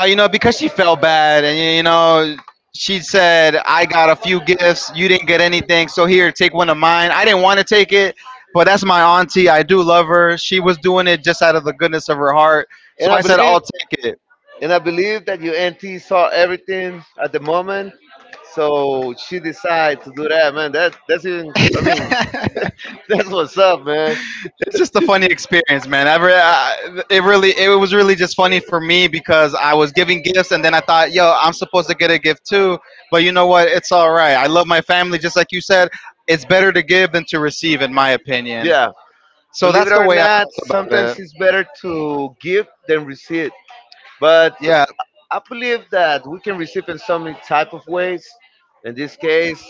[SPEAKER 2] You know, because she felt bad, and, you know, she said, I got a few gifts. You didn't get anything. So here, take one of mine. I didn't want to take it, but that's my auntie. I do love her. She was doing it just out of the goodness of her heart.
[SPEAKER 1] And
[SPEAKER 2] So
[SPEAKER 1] I
[SPEAKER 2] I said, I'll take it.
[SPEAKER 1] And I believe that your auntie saw everything at the moment. So she decided to do that, man. That's even, I mean,
[SPEAKER 2] It's
[SPEAKER 1] that's what's up, man.
[SPEAKER 2] just a funny experience, man. It really, it was really just funny for me because I was giving gifts, and then I thought, yo, I'm supposed to get a gift too. But you know what? It's all right. I love my family, just like you said. It's better to give than to receive, in my opinion.
[SPEAKER 1] Yeah.
[SPEAKER 2] So
[SPEAKER 1] Believe
[SPEAKER 2] that's
[SPEAKER 1] it
[SPEAKER 2] the
[SPEAKER 1] or
[SPEAKER 2] way I
[SPEAKER 1] not,
[SPEAKER 2] felt
[SPEAKER 1] sometimes
[SPEAKER 2] about it.
[SPEAKER 1] it's better to give than receive. But
[SPEAKER 2] Yeah,
[SPEAKER 1] I believe that we can receive in so many type of ways. In this case,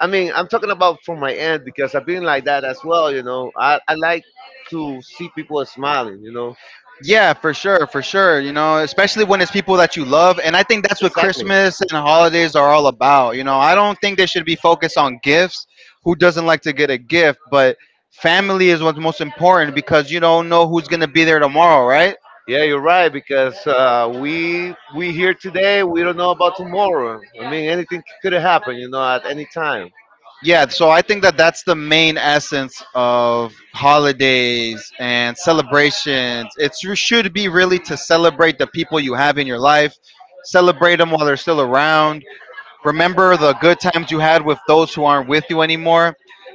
[SPEAKER 1] I mean, I'm talking about from my end because I've been like that as well. I like to see people smiling.
[SPEAKER 2] yeah, for sure, for sure. You know, especially when it's people that you love. And I think that's what
[SPEAKER 1] Exactly.
[SPEAKER 2] Christmas and holidays are all about. You know, I don't think they should be focused on gifts. Who doesn't like to get a gift? But family is what's most important because you don't know who's going to be there tomorrow, right?
[SPEAKER 1] Yeah, you're right because we here today. We don't know about tomorrow. I mean, anything could happen. At any time.
[SPEAKER 2] Yeah, so I think that that's the main essence of holidays and celebrations. It's you should be really to celebrate the people you have in your life, celebrate them while they're still around. Remember the good times you had with those who aren't with you anymore.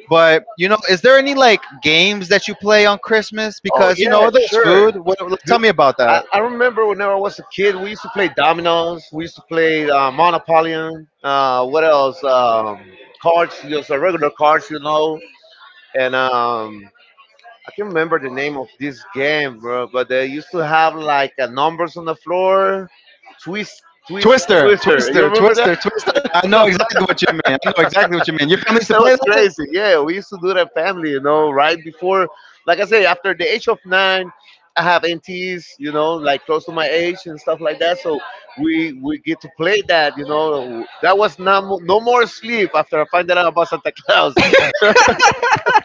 [SPEAKER 2] But is there any like games that you play on Christmas?
[SPEAKER 1] Oh
[SPEAKER 2] Because
[SPEAKER 1] yeah,
[SPEAKER 2] there's
[SPEAKER 1] sure.
[SPEAKER 2] food. What, like, tell
[SPEAKER 1] Do,
[SPEAKER 2] me about
[SPEAKER 1] I,
[SPEAKER 2] that.
[SPEAKER 1] I remember whenever I was a kid, we used to play dominoes. We used to play Monopoly. What else? Cards, just regular cards. And I can't remember the name of this game, bro, but they used to have like numbers on the floor, twist, twist,
[SPEAKER 2] Twister,
[SPEAKER 1] twister. You
[SPEAKER 2] Twister,
[SPEAKER 1] remember that?
[SPEAKER 2] Twister, Twister. I
[SPEAKER 1] No,
[SPEAKER 2] know exactly what you mean. I know exactly what you mean. Your family used to
[SPEAKER 1] that
[SPEAKER 2] play
[SPEAKER 1] was
[SPEAKER 2] that.
[SPEAKER 1] crazy. Yeah, we used to do that family, right before, like I say, after the age of nine, I have NTs, like close to my age and stuff like that. So we get to play that. That was not no more sleep after I find out about Santa Claus.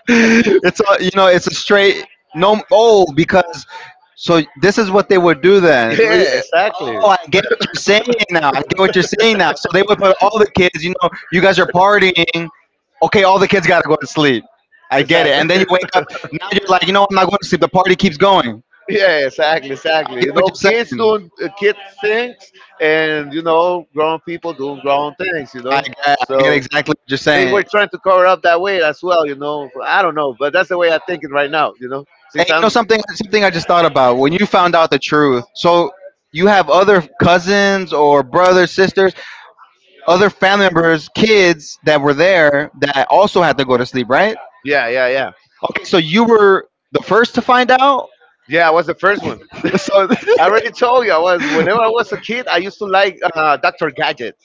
[SPEAKER 2] It's a straight no. Oh, because so this is what they would do then.
[SPEAKER 1] Yeah, exactly.
[SPEAKER 2] Oh, I get what you're saying now. I get what you're saying now. So they would put all the kids, you guys are partying. Okay, all the kids gotta go to sleep. I get it.
[SPEAKER 1] Exactly.
[SPEAKER 2] And then you wake up and you're like, I'm not going to sleep, the party keeps going.
[SPEAKER 1] Yeah, exactly,
[SPEAKER 2] I
[SPEAKER 1] exactly.
[SPEAKER 2] get what you're
[SPEAKER 1] Kids
[SPEAKER 2] saying.
[SPEAKER 1] doing kid things, and grown people doing grown things.
[SPEAKER 2] i get, I get
[SPEAKER 1] So
[SPEAKER 2] exactly what you're
[SPEAKER 1] they were
[SPEAKER 2] saying.
[SPEAKER 1] trying to cover up that way as well. I don't know, but that's the way I'm thinking right now.
[SPEAKER 2] And
[SPEAKER 1] Since
[SPEAKER 2] you know
[SPEAKER 1] I'm,
[SPEAKER 2] something I just thought about when you found out the truth. So you have other cousins or brothers, sisters, other family members, kids that were there that also had to go to sleep, right?
[SPEAKER 1] yeah, yeah, yeah.
[SPEAKER 2] Okay, so you were the first to find out.
[SPEAKER 1] Yeah, I was the first one. I
[SPEAKER 2] So
[SPEAKER 1] already told you I was. Whenever I was a kid, I used to like Doctor Gadget.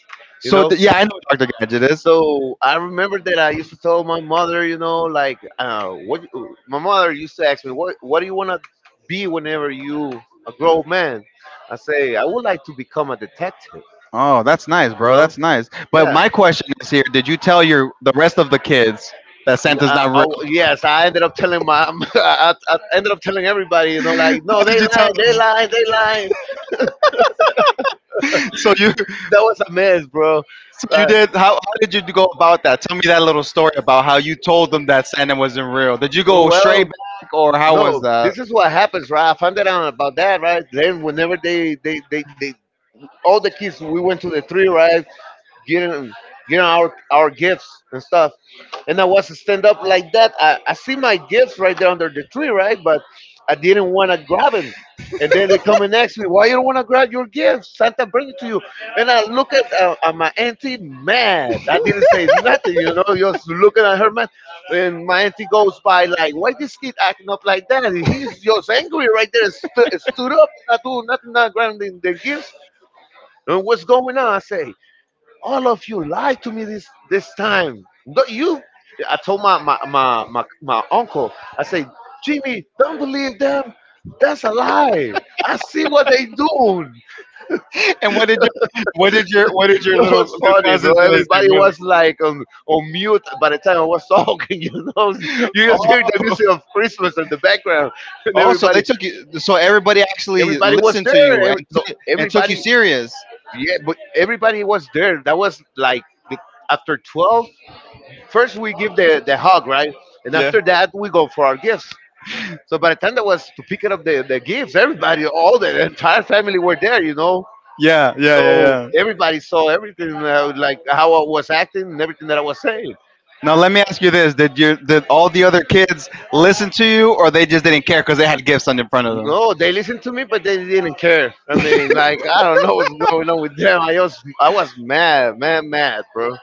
[SPEAKER 1] You know.
[SPEAKER 2] yeah, I know Dr. Gadget is.
[SPEAKER 1] So I remember that I used to tell my mother, you know, like what my mother used to ask me, what do you want to be whenever you a grown man? I say I would like to become a detective.
[SPEAKER 2] Oh, that's nice,
[SPEAKER 1] You
[SPEAKER 2] bro.
[SPEAKER 1] know.
[SPEAKER 2] That's nice. But
[SPEAKER 1] Yeah.
[SPEAKER 2] my question is here: Did you tell your the rest of the kids that Santa's
[SPEAKER 1] Uh,
[SPEAKER 2] not real?
[SPEAKER 1] oh, yes,
[SPEAKER 2] How
[SPEAKER 1] I ended up telling my, I ended up telling everybody, you know, like, no, they
[SPEAKER 2] did you tell
[SPEAKER 1] lied, they
[SPEAKER 2] them?
[SPEAKER 1] lied, they lied.
[SPEAKER 2] So you
[SPEAKER 1] That was a mess, bro.
[SPEAKER 2] so you
[SPEAKER 1] Uh,
[SPEAKER 2] did. How did you go about that? Tell me that little story about how you told them that Santa wasn't real. Did you go straight
[SPEAKER 1] well,
[SPEAKER 2] back, or how was
[SPEAKER 1] no,
[SPEAKER 2] that?
[SPEAKER 1] this is what happens, right? I found that out about that, right? Then whenever all the kids, we went to the tree, right? getting getting our gifts and stuff. And I was to stand up like that. I see my gifts right there under the tree, right? But I didn't want to grab them. And then they come and ask me, "Why you don't want to grab your gifts? Santa bring it to you." And I look at my auntie, mad. I didn't say nothing, you know, just looking at her, man. And my auntie goes by like, "Why this kid acting up like that? He's just angry right there, stu stood up, not doing nothing, not grabbing the gifts." And what's going on? I say all of you lied to me this time. No, you. I told my uncle. I said, Jimmy, don't believe them. That's a lie. I see what they doing.
[SPEAKER 2] And what did your what did your what did your
[SPEAKER 1] It
[SPEAKER 2] little,
[SPEAKER 1] was
[SPEAKER 2] little
[SPEAKER 1] funny, bro.
[SPEAKER 2] cousins and they
[SPEAKER 1] Everybody was like on mute by the time I was talking. You know,
[SPEAKER 2] say?
[SPEAKER 1] you
[SPEAKER 2] What?
[SPEAKER 1] just hear the
[SPEAKER 2] oh,
[SPEAKER 1] music of Christmas in the background, and
[SPEAKER 2] Oh, so they
[SPEAKER 1] everybody,
[SPEAKER 2] took you. So everybody actually
[SPEAKER 1] everybody was
[SPEAKER 2] listened
[SPEAKER 1] there.
[SPEAKER 2] to you and
[SPEAKER 1] Every, no,
[SPEAKER 2] and took you
[SPEAKER 1] everybody,
[SPEAKER 2] serious.
[SPEAKER 1] yeah, but everybody was there. That was like the, after 12. First, we give the hug, right? And
[SPEAKER 2] Yeah,
[SPEAKER 1] after that, we go for our gifts. So by the time that was to pick up the gifts, everybody, all the entire family were there, you know.
[SPEAKER 2] yeah, yeah,
[SPEAKER 1] So
[SPEAKER 2] yeah, yeah.
[SPEAKER 1] everybody saw everything, like how I was acting and everything that I was saying.
[SPEAKER 2] Now let me ask you this: Did all the other kids listen to you, or they just didn't care because they had gifts on in front of them?
[SPEAKER 1] No, they listened to me, but they didn't care. I mean, like I don't know what's going on with them. I was mad, mad, mad, bro.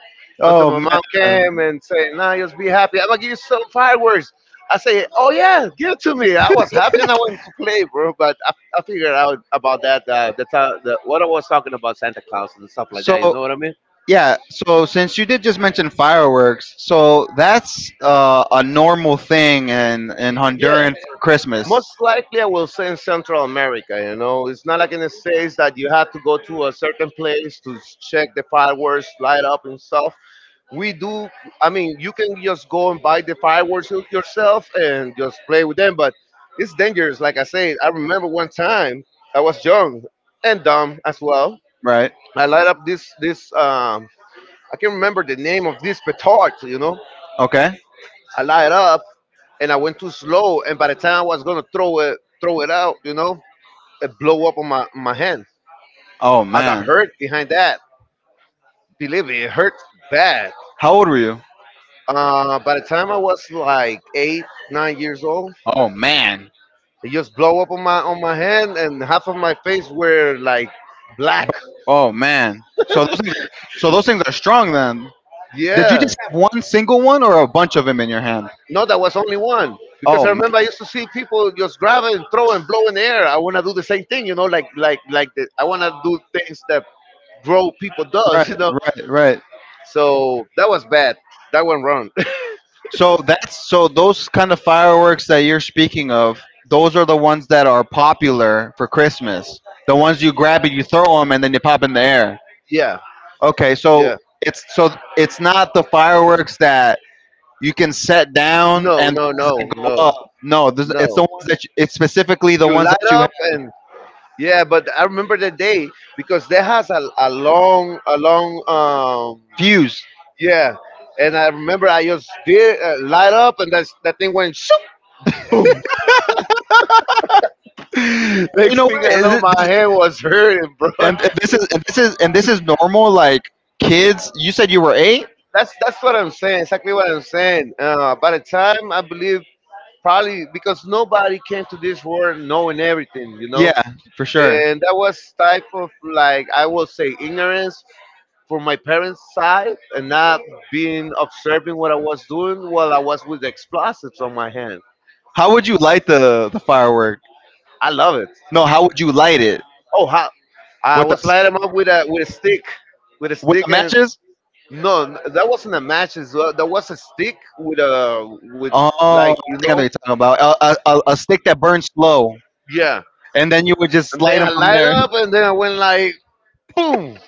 [SPEAKER 1] Until
[SPEAKER 2] Oh
[SPEAKER 1] my mom
[SPEAKER 2] man!
[SPEAKER 1] came and said, "Nah, just be happy. I'm gonna give you some fireworks." I say, "Oh yeah, give it to me." I was happy and I wanted to play, bro. But I figured out about that the, ti- the what I was talking about Santa Claus and stuff like
[SPEAKER 2] So,
[SPEAKER 1] that. You know what I mean?
[SPEAKER 2] yeah, so since you did just mention fireworks, so that's a normal thing in
[SPEAKER 1] Yeah,
[SPEAKER 2] Honduran for Christmas.
[SPEAKER 1] most likely I will say in Central America. You know, it's not like in the States that you have to go to a certain place to check the fireworks light up and stuff. We do. I mean, you can just go and buy the fireworks yourself and just play with them, but it's dangerous. Like I said, I remember one time I was young and dumb as well.
[SPEAKER 2] Right.
[SPEAKER 1] I light up this. I can't remember the name of this petard, you know,
[SPEAKER 2] Okay.
[SPEAKER 1] I light it up and I went too slow. And by the time I was gonna throw it out, you know, it blow up on my hand.
[SPEAKER 2] Oh
[SPEAKER 1] I got
[SPEAKER 2] man.
[SPEAKER 1] hurt behind that. Believe me, it hurt bad.
[SPEAKER 2] How old were you?
[SPEAKER 1] By the time I was like eight, 9 years old,
[SPEAKER 2] Oh man.
[SPEAKER 1] it just blow up on my hand, and half of my face were like black.
[SPEAKER 2] Oh man. So those things so those things are strong then. Did you
[SPEAKER 1] Yeah.
[SPEAKER 2] just have one single one or a bunch of them in your hand?
[SPEAKER 1] No, that was only one. Because
[SPEAKER 2] Oh
[SPEAKER 1] I remember I used to see people just grab it and throw and blow in the air. I want to do the same thing, you know, like I want to do things that grow people
[SPEAKER 2] right,
[SPEAKER 1] does, you know.
[SPEAKER 2] right, right.
[SPEAKER 1] So that was bad. That went wrong.
[SPEAKER 2] So those kind of fireworks that you're speaking of, those are the ones that are popular for Christmas. The ones you grab and you throw them and then you pop in the air.
[SPEAKER 1] Yeah,
[SPEAKER 2] Okay, so
[SPEAKER 1] yeah.
[SPEAKER 2] it's so it's not the fireworks that you can set down
[SPEAKER 1] No,
[SPEAKER 2] and the
[SPEAKER 1] no,
[SPEAKER 2] ones
[SPEAKER 1] no,
[SPEAKER 2] that go
[SPEAKER 1] no,
[SPEAKER 2] up. No, this, it's the
[SPEAKER 1] no.
[SPEAKER 2] ones that you, it's specifically the
[SPEAKER 1] You
[SPEAKER 2] ones that
[SPEAKER 1] light
[SPEAKER 2] you
[SPEAKER 1] up
[SPEAKER 2] have
[SPEAKER 1] and yeah, but I remember the day because there has a long,
[SPEAKER 2] fused.
[SPEAKER 1] yeah. And I remember I just did light up and that thing went.
[SPEAKER 2] You know
[SPEAKER 1] Next thing
[SPEAKER 2] what?
[SPEAKER 1] I know, my hand was hurting, bro.
[SPEAKER 2] And this is normal. Like kids, you said you were eight.
[SPEAKER 1] That's what I'm saying. Exactly what I'm saying. By the time I believe, probably because nobody came to this world knowing everything, you know.
[SPEAKER 2] Yeah, for sure.
[SPEAKER 1] And that was type of like I will say ignorance from my parents' side and not being observing what I was doing while I was with explosives on my hand.
[SPEAKER 2] How would you light the firework?
[SPEAKER 1] I love it.
[SPEAKER 2] No, how would you light it
[SPEAKER 1] Oh, how I
[SPEAKER 2] with the
[SPEAKER 1] was lighting them up with a
[SPEAKER 2] with the
[SPEAKER 1] stick and
[SPEAKER 2] matches?
[SPEAKER 1] No, that wasn't a match. As well. That was a stick with a with
[SPEAKER 2] Oh,
[SPEAKER 1] like you
[SPEAKER 2] I think I
[SPEAKER 1] know,
[SPEAKER 2] know what you're talking about. A stick that burns slow,
[SPEAKER 1] yeah.
[SPEAKER 2] and then you would just
[SPEAKER 1] And
[SPEAKER 2] light
[SPEAKER 1] then
[SPEAKER 2] them
[SPEAKER 1] I
[SPEAKER 2] from
[SPEAKER 1] light
[SPEAKER 2] there.
[SPEAKER 1] up, and then I went like boom.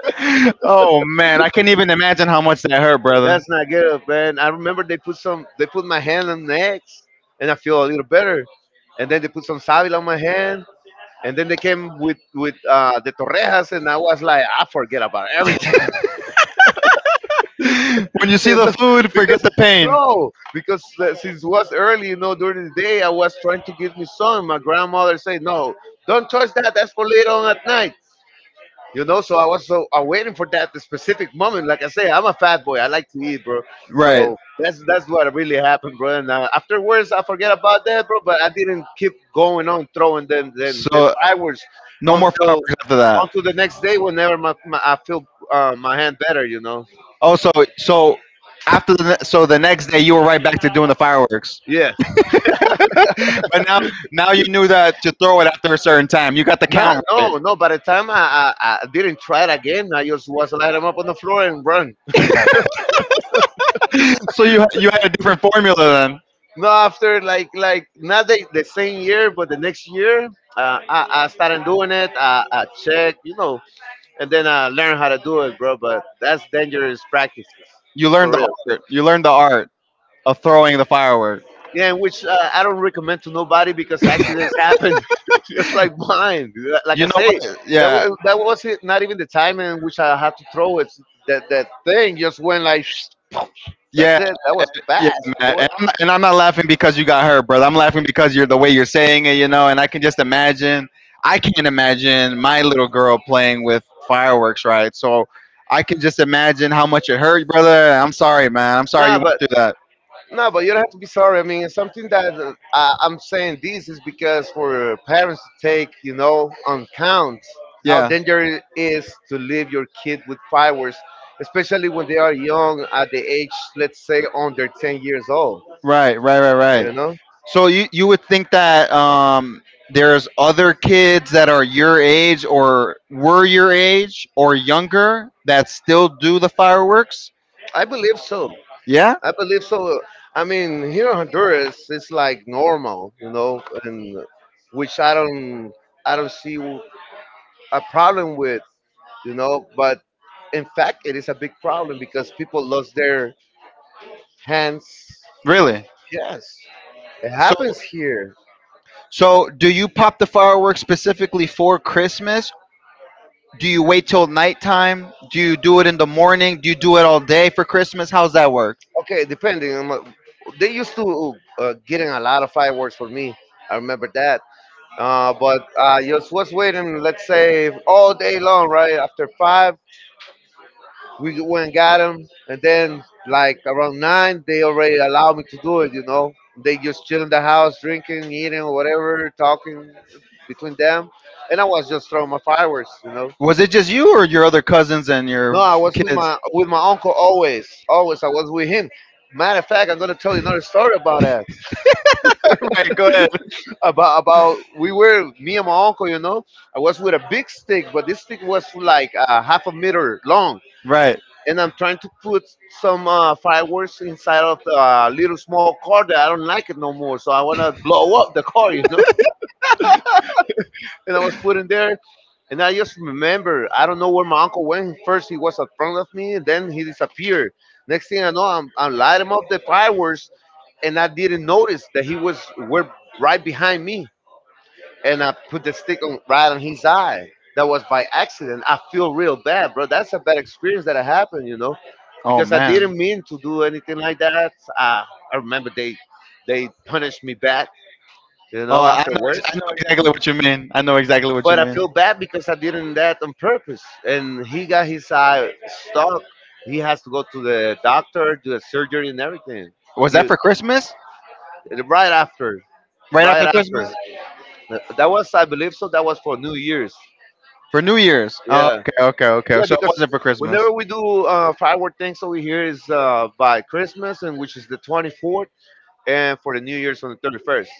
[SPEAKER 2] Oh man, I can't even imagine how much that hurt, brother.
[SPEAKER 1] That's not good, man. I remember they put some. They put my hand on the next, and I feel a little better. And then they put some savil on my hand, and then they came with with the torrejas, and I was like, I forget about everything.
[SPEAKER 2] When you see
[SPEAKER 1] You
[SPEAKER 2] the
[SPEAKER 1] know,
[SPEAKER 2] food, forget
[SPEAKER 1] because
[SPEAKER 2] the pain.
[SPEAKER 1] no, because since it was early, you know, during the day, I was trying to give me some. My grandmother said, "No, don't touch that. That's for later on at night." You know, so I was so I waiting for that specific moment. Like I say, I'm a fat boy. I like to eat, bro.
[SPEAKER 2] Right.
[SPEAKER 1] So that's what really happened, bro. And afterwards, I forget about that, bro. But I didn't keep going on throwing them then the
[SPEAKER 2] So
[SPEAKER 1] fireworks
[SPEAKER 2] no more
[SPEAKER 1] until
[SPEAKER 2] fireworks after that.
[SPEAKER 1] until the next day whenever my I feel my hand better, you know.
[SPEAKER 2] Oh, so so the next day you were right back to doing the fireworks,
[SPEAKER 1] Yeah.
[SPEAKER 2] but now you knew that to throw it after a certain time. You got the
[SPEAKER 1] Nah,
[SPEAKER 2] count right,
[SPEAKER 1] no, no. By the time I didn't try it again, I just was light him up on the floor and run.
[SPEAKER 2] so you had a different formula then.
[SPEAKER 1] No, after not the same year, but the next year, I started doing it. I checked, you know, and then I learned how to do it, bro. But that's dangerous practices,
[SPEAKER 2] You
[SPEAKER 1] for
[SPEAKER 2] learned the
[SPEAKER 1] real.
[SPEAKER 2] art. You learned the art of throwing the firework.
[SPEAKER 1] Yeah, and which I don't recommend to nobody because accidents happen, just like mine. Like
[SPEAKER 2] You
[SPEAKER 1] I
[SPEAKER 2] know
[SPEAKER 1] say,
[SPEAKER 2] what? Yeah,
[SPEAKER 1] that was it, not even the time in which I had to throw it. That thing just went like
[SPEAKER 2] yeah.
[SPEAKER 1] that's it. That was
[SPEAKER 2] Yeah,
[SPEAKER 1] fast,
[SPEAKER 2] man.
[SPEAKER 1] boy.
[SPEAKER 2] And I'm not laughing because you got hurt, brother. I'm laughing because you're the way you're saying it, you know. And I can just imagine. I can not imagine my little girl playing with fireworks, right? So I can just imagine how much it hurt, brother. I'm sorry, man. I'm sorry
[SPEAKER 1] Nah,
[SPEAKER 2] you went
[SPEAKER 1] but
[SPEAKER 2] through that.
[SPEAKER 1] nah, but you don't have to be sorry. I mean, it's something that I'm saying this is because for parents to take, you know, on count how
[SPEAKER 2] Yeah.
[SPEAKER 1] dangerous it is to leave your kid with fireworks, especially when they are young at the age, let's say, under 10 years old.
[SPEAKER 2] Right. Right. Right. Right.
[SPEAKER 1] You know.
[SPEAKER 2] So you would think that there's other kids that are your age or were your age or younger that still do the fireworks?
[SPEAKER 1] I believe so.
[SPEAKER 2] Yeah,
[SPEAKER 1] I believe so. I mean, here in Honduras it's like normal, you know, and which I don't see a problem with, you know, but in fact it is a big problem because people lost their hands.
[SPEAKER 2] really.
[SPEAKER 1] Yes, it
[SPEAKER 2] So
[SPEAKER 1] happens here.
[SPEAKER 2] so do you pop the fireworks specifically for Christmas? Do you wait till nighttime? Do you do it in the morning? Do you do it all day for Christmas? How's that work?
[SPEAKER 1] Okay, they used to getting a lot of fireworks for me, I remember that. But I just was waiting, let's say, all day long, right? After 5, we went and got him, and then like around nine, they already allowed me to do it. You know, they just chill in the house, drinking, eating, or whatever, talking between them, and I was just throwing my fireworks. You know,
[SPEAKER 2] Was it just you or your other cousins and
[SPEAKER 1] no,
[SPEAKER 2] your
[SPEAKER 1] I was
[SPEAKER 2] kids?
[SPEAKER 1] with my uncle always, always. I was with him. Matter of fact, I'm gonna tell you another story about that.
[SPEAKER 2] Right, go ahead.
[SPEAKER 1] About we were me and my uncle. You know, I was with a big stick, but this stick was like 0.5 m long
[SPEAKER 2] Right.
[SPEAKER 1] and I'm trying to put some fireworks inside of the little small car that I don't like it no more. So I want to blow up the car, you know. And I was put in there, and I just remember I don't know where my uncle went. First he was in front of me, and then he disappeared. Next thing I know, I'm lighting up the fireworks, and I didn't notice that he was were right behind me and I put the stick on right on his eye. That was by accident. I feel real bad, bro. That's a bad experience that happened, you know,
[SPEAKER 2] Oh
[SPEAKER 1] because I
[SPEAKER 2] man.
[SPEAKER 1] didn't mean to do anything like that. Uh, I remember they punished me back, you
[SPEAKER 2] Oh,
[SPEAKER 1] know,
[SPEAKER 2] I know, ex-
[SPEAKER 1] afterwards.
[SPEAKER 2] I know exactly what you mean. I know exactly what you
[SPEAKER 1] But I
[SPEAKER 2] mean.
[SPEAKER 1] feel bad because I didn't that on purpose. And he got his eye stuck. He has to go to the doctor, do a surgery and everything.
[SPEAKER 2] Was that
[SPEAKER 1] He,
[SPEAKER 2] for Christmas?
[SPEAKER 1] right after,
[SPEAKER 2] Right
[SPEAKER 1] right
[SPEAKER 2] after Christmas?
[SPEAKER 1] after. That was, I believe so. That was for New Year's.
[SPEAKER 2] For New Year's? Oh,
[SPEAKER 1] Yeah.
[SPEAKER 2] okay, okay, okay.
[SPEAKER 1] Yeah,
[SPEAKER 2] So it
[SPEAKER 1] because
[SPEAKER 2] wasn't for Christmas.
[SPEAKER 1] whenever we do firework things over here is by Christmas, and which is the 24th, and for the New Year's on the 31st.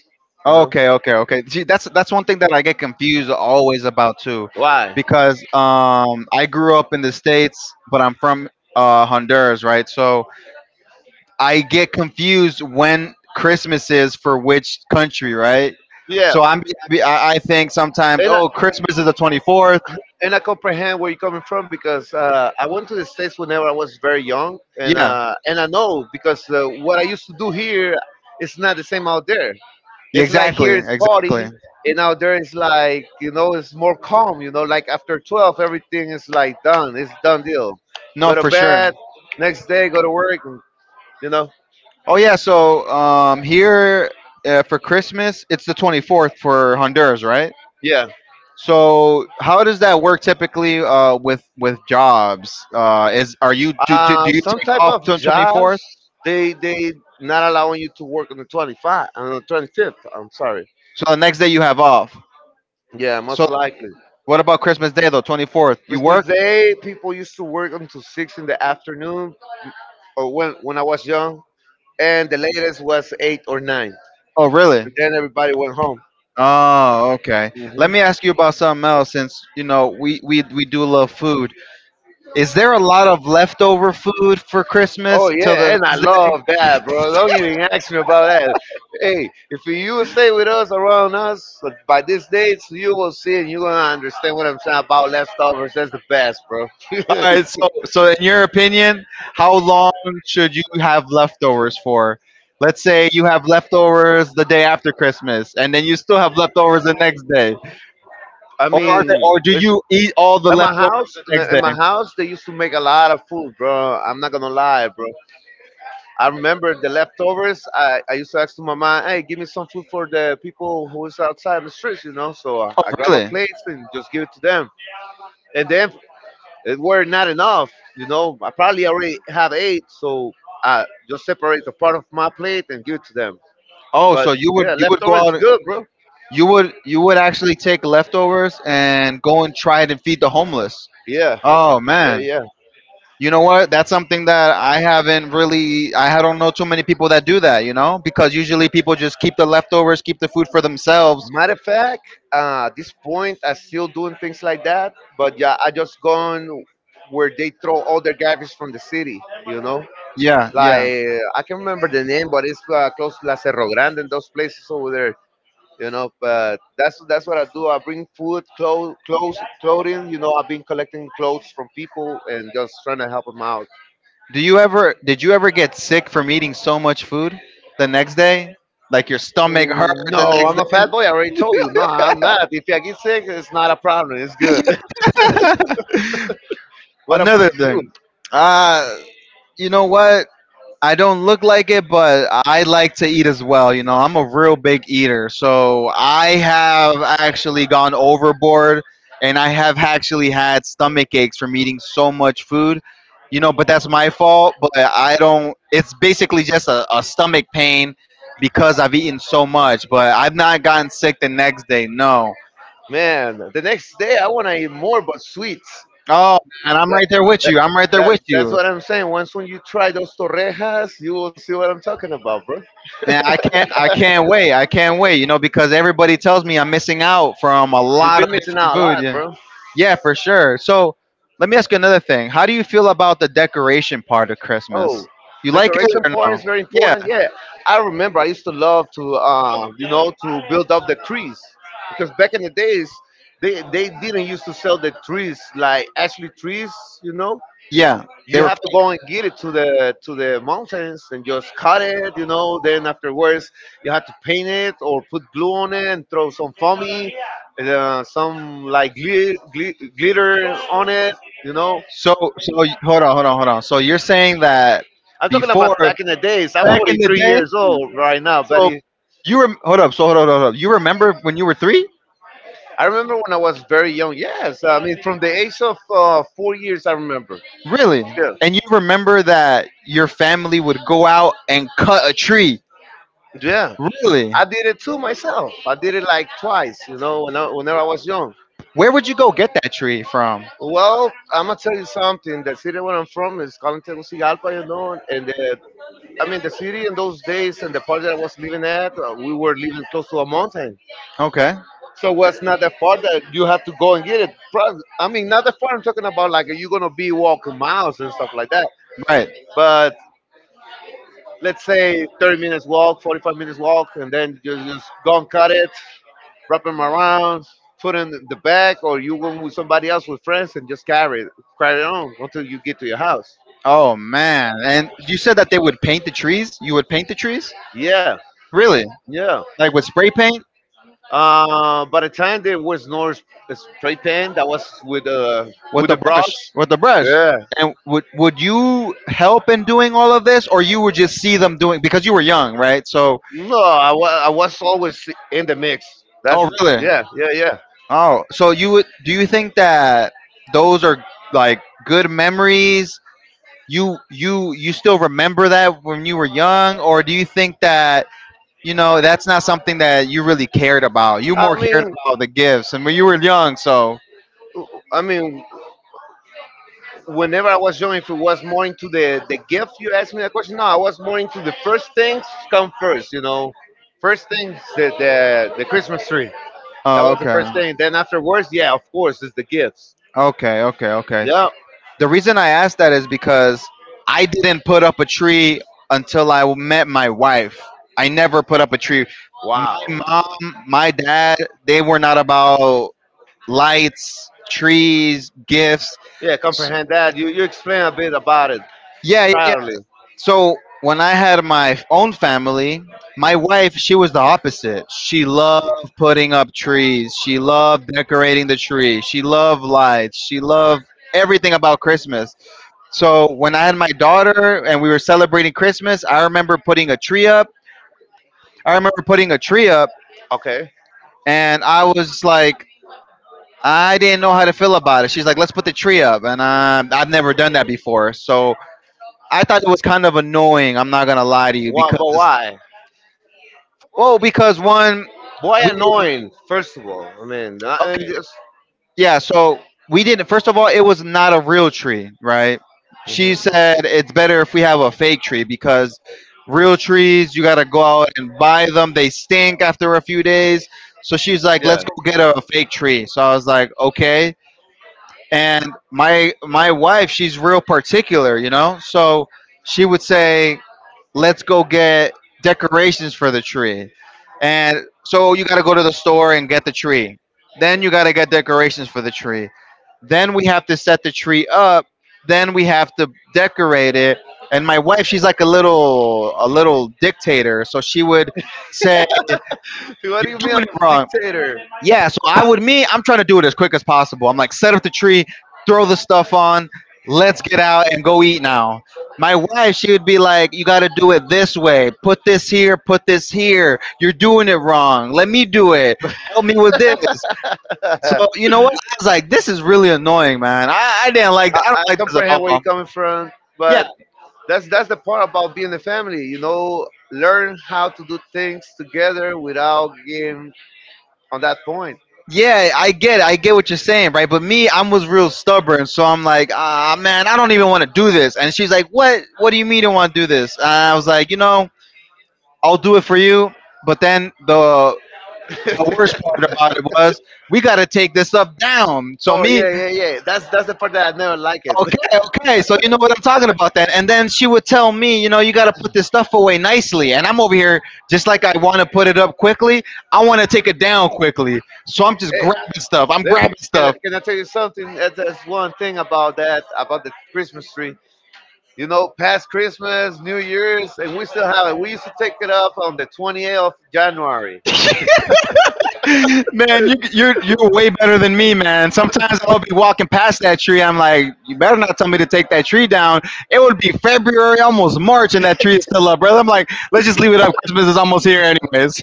[SPEAKER 1] You know
[SPEAKER 2] Okay, okay, okay. See, that's one thing that I get confused always about too,
[SPEAKER 1] why?
[SPEAKER 2] because I grew up in the states, but I'm from Honduras, right? So I get confused when Christmas is for which country, right?
[SPEAKER 1] Yeah.
[SPEAKER 2] So I think sometimes,
[SPEAKER 1] and I,
[SPEAKER 2] oh, Christmas is the 24th.
[SPEAKER 1] and I comprehend where you're coming from because I went to the states whenever I was very young, and
[SPEAKER 2] Yeah,
[SPEAKER 1] uh, and I know because what I used to do here is not the same out there.
[SPEAKER 2] yeah,
[SPEAKER 1] It's like
[SPEAKER 2] exactly,
[SPEAKER 1] here it's
[SPEAKER 2] exactly.
[SPEAKER 1] party, and out there it's like it's more calm. Like after 12, everything is like done. It's done deal.
[SPEAKER 2] No,
[SPEAKER 1] Go to
[SPEAKER 2] for sure.
[SPEAKER 1] bed, next day go to work. And, you know,
[SPEAKER 2] Oh yeah, so here for Christmas, it's the 24th for Honduras, right?
[SPEAKER 1] yeah.
[SPEAKER 2] So how does that work typically with jobs? Is are you do, do do you
[SPEAKER 1] Some
[SPEAKER 2] take
[SPEAKER 1] type
[SPEAKER 2] off
[SPEAKER 1] of
[SPEAKER 2] to
[SPEAKER 1] jobs
[SPEAKER 2] 24th?
[SPEAKER 1] they not allowing you to work on the 25 on the 25th. I'm sorry.
[SPEAKER 2] So the next day you have off.
[SPEAKER 1] Yeah,
[SPEAKER 2] So,
[SPEAKER 1] most likely.
[SPEAKER 2] what about Christmas Day though? 24th. You
[SPEAKER 1] Christmas
[SPEAKER 2] work?
[SPEAKER 1] Day, people used to work until 6 in the afternoon, or when I was young, and the latest was 8 or 9.
[SPEAKER 2] Oh, really?
[SPEAKER 1] And then everybody went home.
[SPEAKER 2] Oh, okay. Let
[SPEAKER 1] Mhm.
[SPEAKER 2] me ask you about something else, since you know we do love food. Is there a lot of leftover food for
[SPEAKER 1] Oh
[SPEAKER 2] Christmas till
[SPEAKER 1] yeah,
[SPEAKER 2] the?
[SPEAKER 1] and I love that, bro. Don't even ask me about that. Hey, if you will stay with us around us, like by this date, you will see and you're gonna understand what I'm saying about leftovers. That's the best, bro.
[SPEAKER 2] All right. So in your opinion, how long should you have leftovers for? Let's say you have leftovers the day after Christmas, and then you still have leftovers the next day,
[SPEAKER 1] I
[SPEAKER 2] or are they,
[SPEAKER 1] mean,
[SPEAKER 2] or do
[SPEAKER 1] it's,
[SPEAKER 2] you eat all the
[SPEAKER 1] in my
[SPEAKER 2] leftovers
[SPEAKER 1] house,
[SPEAKER 2] the next
[SPEAKER 1] in
[SPEAKER 2] day?
[SPEAKER 1] my house, they used to make a lot of food, bro. I'm not gonna lie, bro. I remember the leftovers. I used to ask to my mom, "Hey, give me some food for the people who is outside in the streets." So I,
[SPEAKER 2] Oh,
[SPEAKER 1] I grab a
[SPEAKER 2] really?
[SPEAKER 1] plate and just give it to them. And then it were not enough. I probably already have eight, so I just separate the part of my plate and give it to them.
[SPEAKER 2] Oh,
[SPEAKER 1] But
[SPEAKER 2] so you would
[SPEAKER 1] yeah,
[SPEAKER 2] you would go
[SPEAKER 1] leftovers
[SPEAKER 2] out,
[SPEAKER 1] good, bro.
[SPEAKER 2] you would actually take leftovers and go and try it and feed the homeless.
[SPEAKER 1] Yeah,
[SPEAKER 2] Oh
[SPEAKER 1] yeah,
[SPEAKER 2] man.
[SPEAKER 1] yeah.
[SPEAKER 2] You know what? That's something that I haven't really I don't know too many people that do that, you know? Because usually people just keep the leftovers, keep the food for themselves.
[SPEAKER 1] Matter of fact, at this point, I am still doing things like that. But yeah, I just gone where they throw all their garbage from the city, you know?
[SPEAKER 2] Yeah,
[SPEAKER 1] Like,
[SPEAKER 2] yeah.
[SPEAKER 1] I can remember the name, but it's close to La Cerro Grande and those places over there, you know? But that's what I do. I bring food, clothes, clothing, you know? I've been collecting clothes from people and just trying to help them out.
[SPEAKER 2] Do you ever did you ever get sick from eating so much food the next day? Like your stomach hurt
[SPEAKER 1] Mm,
[SPEAKER 2] the
[SPEAKER 1] no,
[SPEAKER 2] next
[SPEAKER 1] I'm a
[SPEAKER 2] day?
[SPEAKER 1] fat boy. I already told you. No, I'm not. If I get sick, it's not a problem. It's good. What about
[SPEAKER 2] Another
[SPEAKER 1] you?
[SPEAKER 2] thing. Uh you know what? I don't look like it, but I like to eat as well. You know, I'm a real big eater. So I have actually gone overboard and I have actually had stomach aches from eating so much food, you know, but that's my fault. But I don't, it's basically just a stomach pain because I've eaten so much, but I've not gotten sick the next day. No.
[SPEAKER 1] Man, the next day I want to eat more, but sweets.
[SPEAKER 2] Oh, and I'm
[SPEAKER 1] That,
[SPEAKER 2] right there with you. I'm right there
[SPEAKER 1] that,
[SPEAKER 2] with
[SPEAKER 1] that's
[SPEAKER 2] you.
[SPEAKER 1] what I'm saying. Once when you try those torrejas, you will see what I'm talking about, bro.
[SPEAKER 2] Man, I can't wait. I can't wait, you know, because everybody tells me I'm missing out from a
[SPEAKER 1] You've
[SPEAKER 2] lot
[SPEAKER 1] been
[SPEAKER 2] of
[SPEAKER 1] missing
[SPEAKER 2] different
[SPEAKER 1] out a
[SPEAKER 2] food.
[SPEAKER 1] lot,
[SPEAKER 2] Yeah.
[SPEAKER 1] bro.
[SPEAKER 2] Yeah, for sure. So let me ask you another thing. How do you feel about the decoration part of
[SPEAKER 1] Oh,
[SPEAKER 2] Christmas? You
[SPEAKER 1] the
[SPEAKER 2] like it
[SPEAKER 1] correction
[SPEAKER 2] or
[SPEAKER 1] part
[SPEAKER 2] no?
[SPEAKER 1] is very
[SPEAKER 2] Yeah,
[SPEAKER 1] important. Yeah, I remember I used to love to build up the trees because back in the days, they didn't used to sell the trees like actually trees. You know,
[SPEAKER 2] yeah.
[SPEAKER 1] you
[SPEAKER 2] They were
[SPEAKER 1] have to go and get it to the mountains and just cut it. You know, then afterwards you have to paint it or put glue on it and throw some foamy, some like glitter on it. You know,
[SPEAKER 2] so so y- Hold on, hold on, hold on. So you're saying that
[SPEAKER 1] I'm talking
[SPEAKER 2] before
[SPEAKER 1] about back in the days. I'm
[SPEAKER 2] back in the
[SPEAKER 1] 43
[SPEAKER 2] day?
[SPEAKER 1] years old right now, but
[SPEAKER 2] So
[SPEAKER 1] it-
[SPEAKER 2] Hold up. So hold up, hold up. You remember when you were three?
[SPEAKER 1] I remember when I was very young. Yes, I mean from the age of 4 years, I remember.
[SPEAKER 2] Really?
[SPEAKER 1] Yeah,
[SPEAKER 2] And you remember that your family would go out and cut a tree?
[SPEAKER 1] yeah.
[SPEAKER 2] Really?
[SPEAKER 1] I did it too myself. I did it like twice, you know, whenever I was young.
[SPEAKER 2] Where would you go get that tree from?
[SPEAKER 1] Well, I'm gonna tell you something. The city where I'm from is called Tegucigalpa, you know, I mean the city in those days and the part that I was living at, we were living close to a mountain.
[SPEAKER 2] Okay.
[SPEAKER 1] So what's not that far that you have to go and get it? I mean, not that far. I'm talking about like you're gonna be walking miles and stuff like that.
[SPEAKER 2] Right.
[SPEAKER 1] But let's say 30 minutes walk, 45 minutes walk, and then you just go and cut it, wrap them around, put it in the bag, or you go with somebody else with friends and just carry it on until you get to your house.
[SPEAKER 2] Oh man. And you said that they would paint the trees? You would paint the trees?
[SPEAKER 1] Yeah,
[SPEAKER 2] Really?
[SPEAKER 1] yeah.
[SPEAKER 2] Like with spray paint,
[SPEAKER 1] By the time there was no spray paint, I was with uh
[SPEAKER 2] with
[SPEAKER 1] with
[SPEAKER 2] the
[SPEAKER 1] the
[SPEAKER 2] brush,
[SPEAKER 1] brush.
[SPEAKER 2] with the brush.
[SPEAKER 1] Yeah.
[SPEAKER 2] And would you help in doing all of this, or you would just see them doing because you were young, right? So,
[SPEAKER 1] No, I was always in the mix. That's
[SPEAKER 2] oh really?
[SPEAKER 1] yeah, yeah, yeah.
[SPEAKER 2] Oh, so you would? Do you think that those are like good memories? You still remember that when you were young, or do you think that you know that's not something that you really cared about? You more
[SPEAKER 1] I mean,
[SPEAKER 2] cared about the gifts, and when you were young, so.
[SPEAKER 1] I mean, whenever I was young, if it was more into the gift, you asked me that question. No, I was more into the first things come first. You know, first things the Christmas tree. That
[SPEAKER 2] Oh,
[SPEAKER 1] was the first
[SPEAKER 2] okay.
[SPEAKER 1] thing. Then afterwards, yeah, of course, is the gifts.
[SPEAKER 2] Okay, okay, okay.
[SPEAKER 1] Yeah.
[SPEAKER 2] The reason I asked that is because I didn't put up a tree until I met my wife. I never put up a tree.
[SPEAKER 1] Wow.
[SPEAKER 2] My mom, my dad, they were not about lights, trees, gifts.
[SPEAKER 1] Yeah, comprehend that. You explain a bit about it
[SPEAKER 2] Yeah, yeah, yeah.
[SPEAKER 1] priorly.
[SPEAKER 2] So when I had my own family, my wife, she was the opposite. She loved putting up trees. She loved decorating the tree. She loved lights. She loved everything about Christmas. So when I had my daughter and we were celebrating Christmas, I remember putting a tree up. I remember putting a tree up
[SPEAKER 1] Okay.
[SPEAKER 2] and I was like, I didn't know how to feel about it. She's like, let's put the tree up. And I've never done that before. So I thought it was kind of annoying. I'm not going to lie to you
[SPEAKER 1] Why,
[SPEAKER 2] because,
[SPEAKER 1] but why?
[SPEAKER 2] well, because one,
[SPEAKER 1] Why
[SPEAKER 2] we didn't,
[SPEAKER 1] annoying? First of all, I mean, and
[SPEAKER 2] okay,
[SPEAKER 1] just.
[SPEAKER 2] Yeah, so we didn't. First of all, it was not a real tree, right?
[SPEAKER 1] Mhm.
[SPEAKER 2] She said it's better if we have a fake tree because real trees, you got to go out and buy them. They stink after a few days. So she's like,
[SPEAKER 1] Yeah.
[SPEAKER 2] let's go get a fake tree. So I was like, okay. And my wife, she's real particular, you know? So she would say, let's go get decorations for the tree. And so you got to go to the store and get the tree. Then you got to get decorations for the tree. Then we have to set the tree up. Then we have to decorate it. And my wife, she's like a little dictator, so she would say,
[SPEAKER 1] What do you
[SPEAKER 2] "You're
[SPEAKER 1] mean
[SPEAKER 2] doing it
[SPEAKER 1] I'm a
[SPEAKER 2] wrong.
[SPEAKER 1] dictator?
[SPEAKER 2] Yeah, so I would me, I'm trying to do it as quick as possible. I'm like, set up the tree, throw the stuff on, let's get out and go eat now. My wife, she would be like, you gotta do it this way. Put this here, put this here. You're doing it wrong. Let me do it. Help me with this." So you know
[SPEAKER 1] I,
[SPEAKER 2] what? I was like, this is really annoying, man. I didn't like, I
[SPEAKER 1] I
[SPEAKER 2] don't like this at
[SPEAKER 1] comprehend where
[SPEAKER 2] all.
[SPEAKER 1] you're coming from,
[SPEAKER 2] Yeah,
[SPEAKER 1] but that's the part about being a family, learn how to do things together without getting on that point.
[SPEAKER 2] yeah, I get it. I get what you're saying, right? But me, I am was real stubborn, so I'm like, ah, man, I don't even want to do this. And she's like, what? What do you mean you don't want to do this? And I was like, you know, I'll do it for you. But then the worst part about it was we got to take this stuff down. So
[SPEAKER 1] Oh,
[SPEAKER 2] me,
[SPEAKER 1] yeah, yeah, yeah, that's the part that I never like it.
[SPEAKER 2] okay, okay. So you know what I'm talking about then. And then she would tell me, you know, you got to put this stuff away nicely. And I'm over here just like, I want to put it up quickly. I want to take it down quickly. So I'm just
[SPEAKER 1] Eh,
[SPEAKER 2] grabbing stuff. I'm
[SPEAKER 1] let-
[SPEAKER 2] grabbing
[SPEAKER 1] can, I,
[SPEAKER 2] stuff.
[SPEAKER 1] can I tell you something? That's one thing about that, about the Christmas tree. You know, past Christmas, New Year's, and we still have it. We used to take it up on the 28th of January.
[SPEAKER 2] Man, you, you're way better than me, man. Sometimes I'll be walking past that tree. I'm like, you better not tell me to take that tree down. It would be February, almost March, and that tree is still up, brother. I'm like, let's just leave it up. Christmas is almost here, anyways.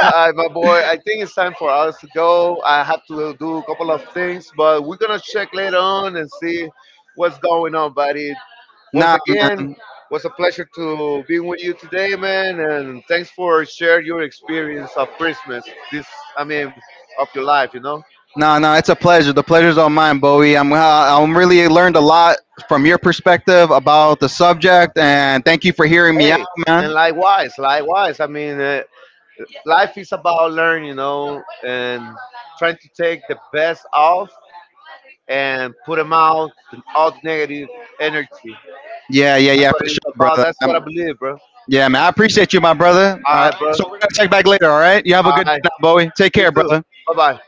[SPEAKER 1] All right, my boy, I think it's time for us to go. I have to do a couple of things, but we're going to check later on and see what's going on, buddy. Once
[SPEAKER 2] Nah,
[SPEAKER 1] again,
[SPEAKER 2] man,
[SPEAKER 1] was a pleasure to be with you today, man, and thanks for sharing your experience of Christmas. This, I mean, of your life.
[SPEAKER 2] nah, nah. It's a pleasure. The pleasure's all mine, Bowie. I'm really learned a lot from your perspective about the subject, and thank you for hearing me out,
[SPEAKER 1] Hey, and
[SPEAKER 2] man.
[SPEAKER 1] likewise, likewise. I mean, life is about learning, and trying to take the best off and put them out, all the negative energy. That's
[SPEAKER 2] Yeah, yeah, yeah,
[SPEAKER 1] what
[SPEAKER 2] for sure,
[SPEAKER 1] it's about.
[SPEAKER 2] brother.
[SPEAKER 1] That's what I believe, bro.
[SPEAKER 2] Yeah, man, I appreciate you, my brother.
[SPEAKER 1] All
[SPEAKER 2] All right.
[SPEAKER 1] right,
[SPEAKER 2] So we're
[SPEAKER 1] bro.
[SPEAKER 2] gonna check back later, all right? You have a
[SPEAKER 1] All
[SPEAKER 2] good
[SPEAKER 1] right.
[SPEAKER 2] night, Bowie. Take
[SPEAKER 1] You
[SPEAKER 2] care,
[SPEAKER 1] too.
[SPEAKER 2] brother.
[SPEAKER 1] Bye bye.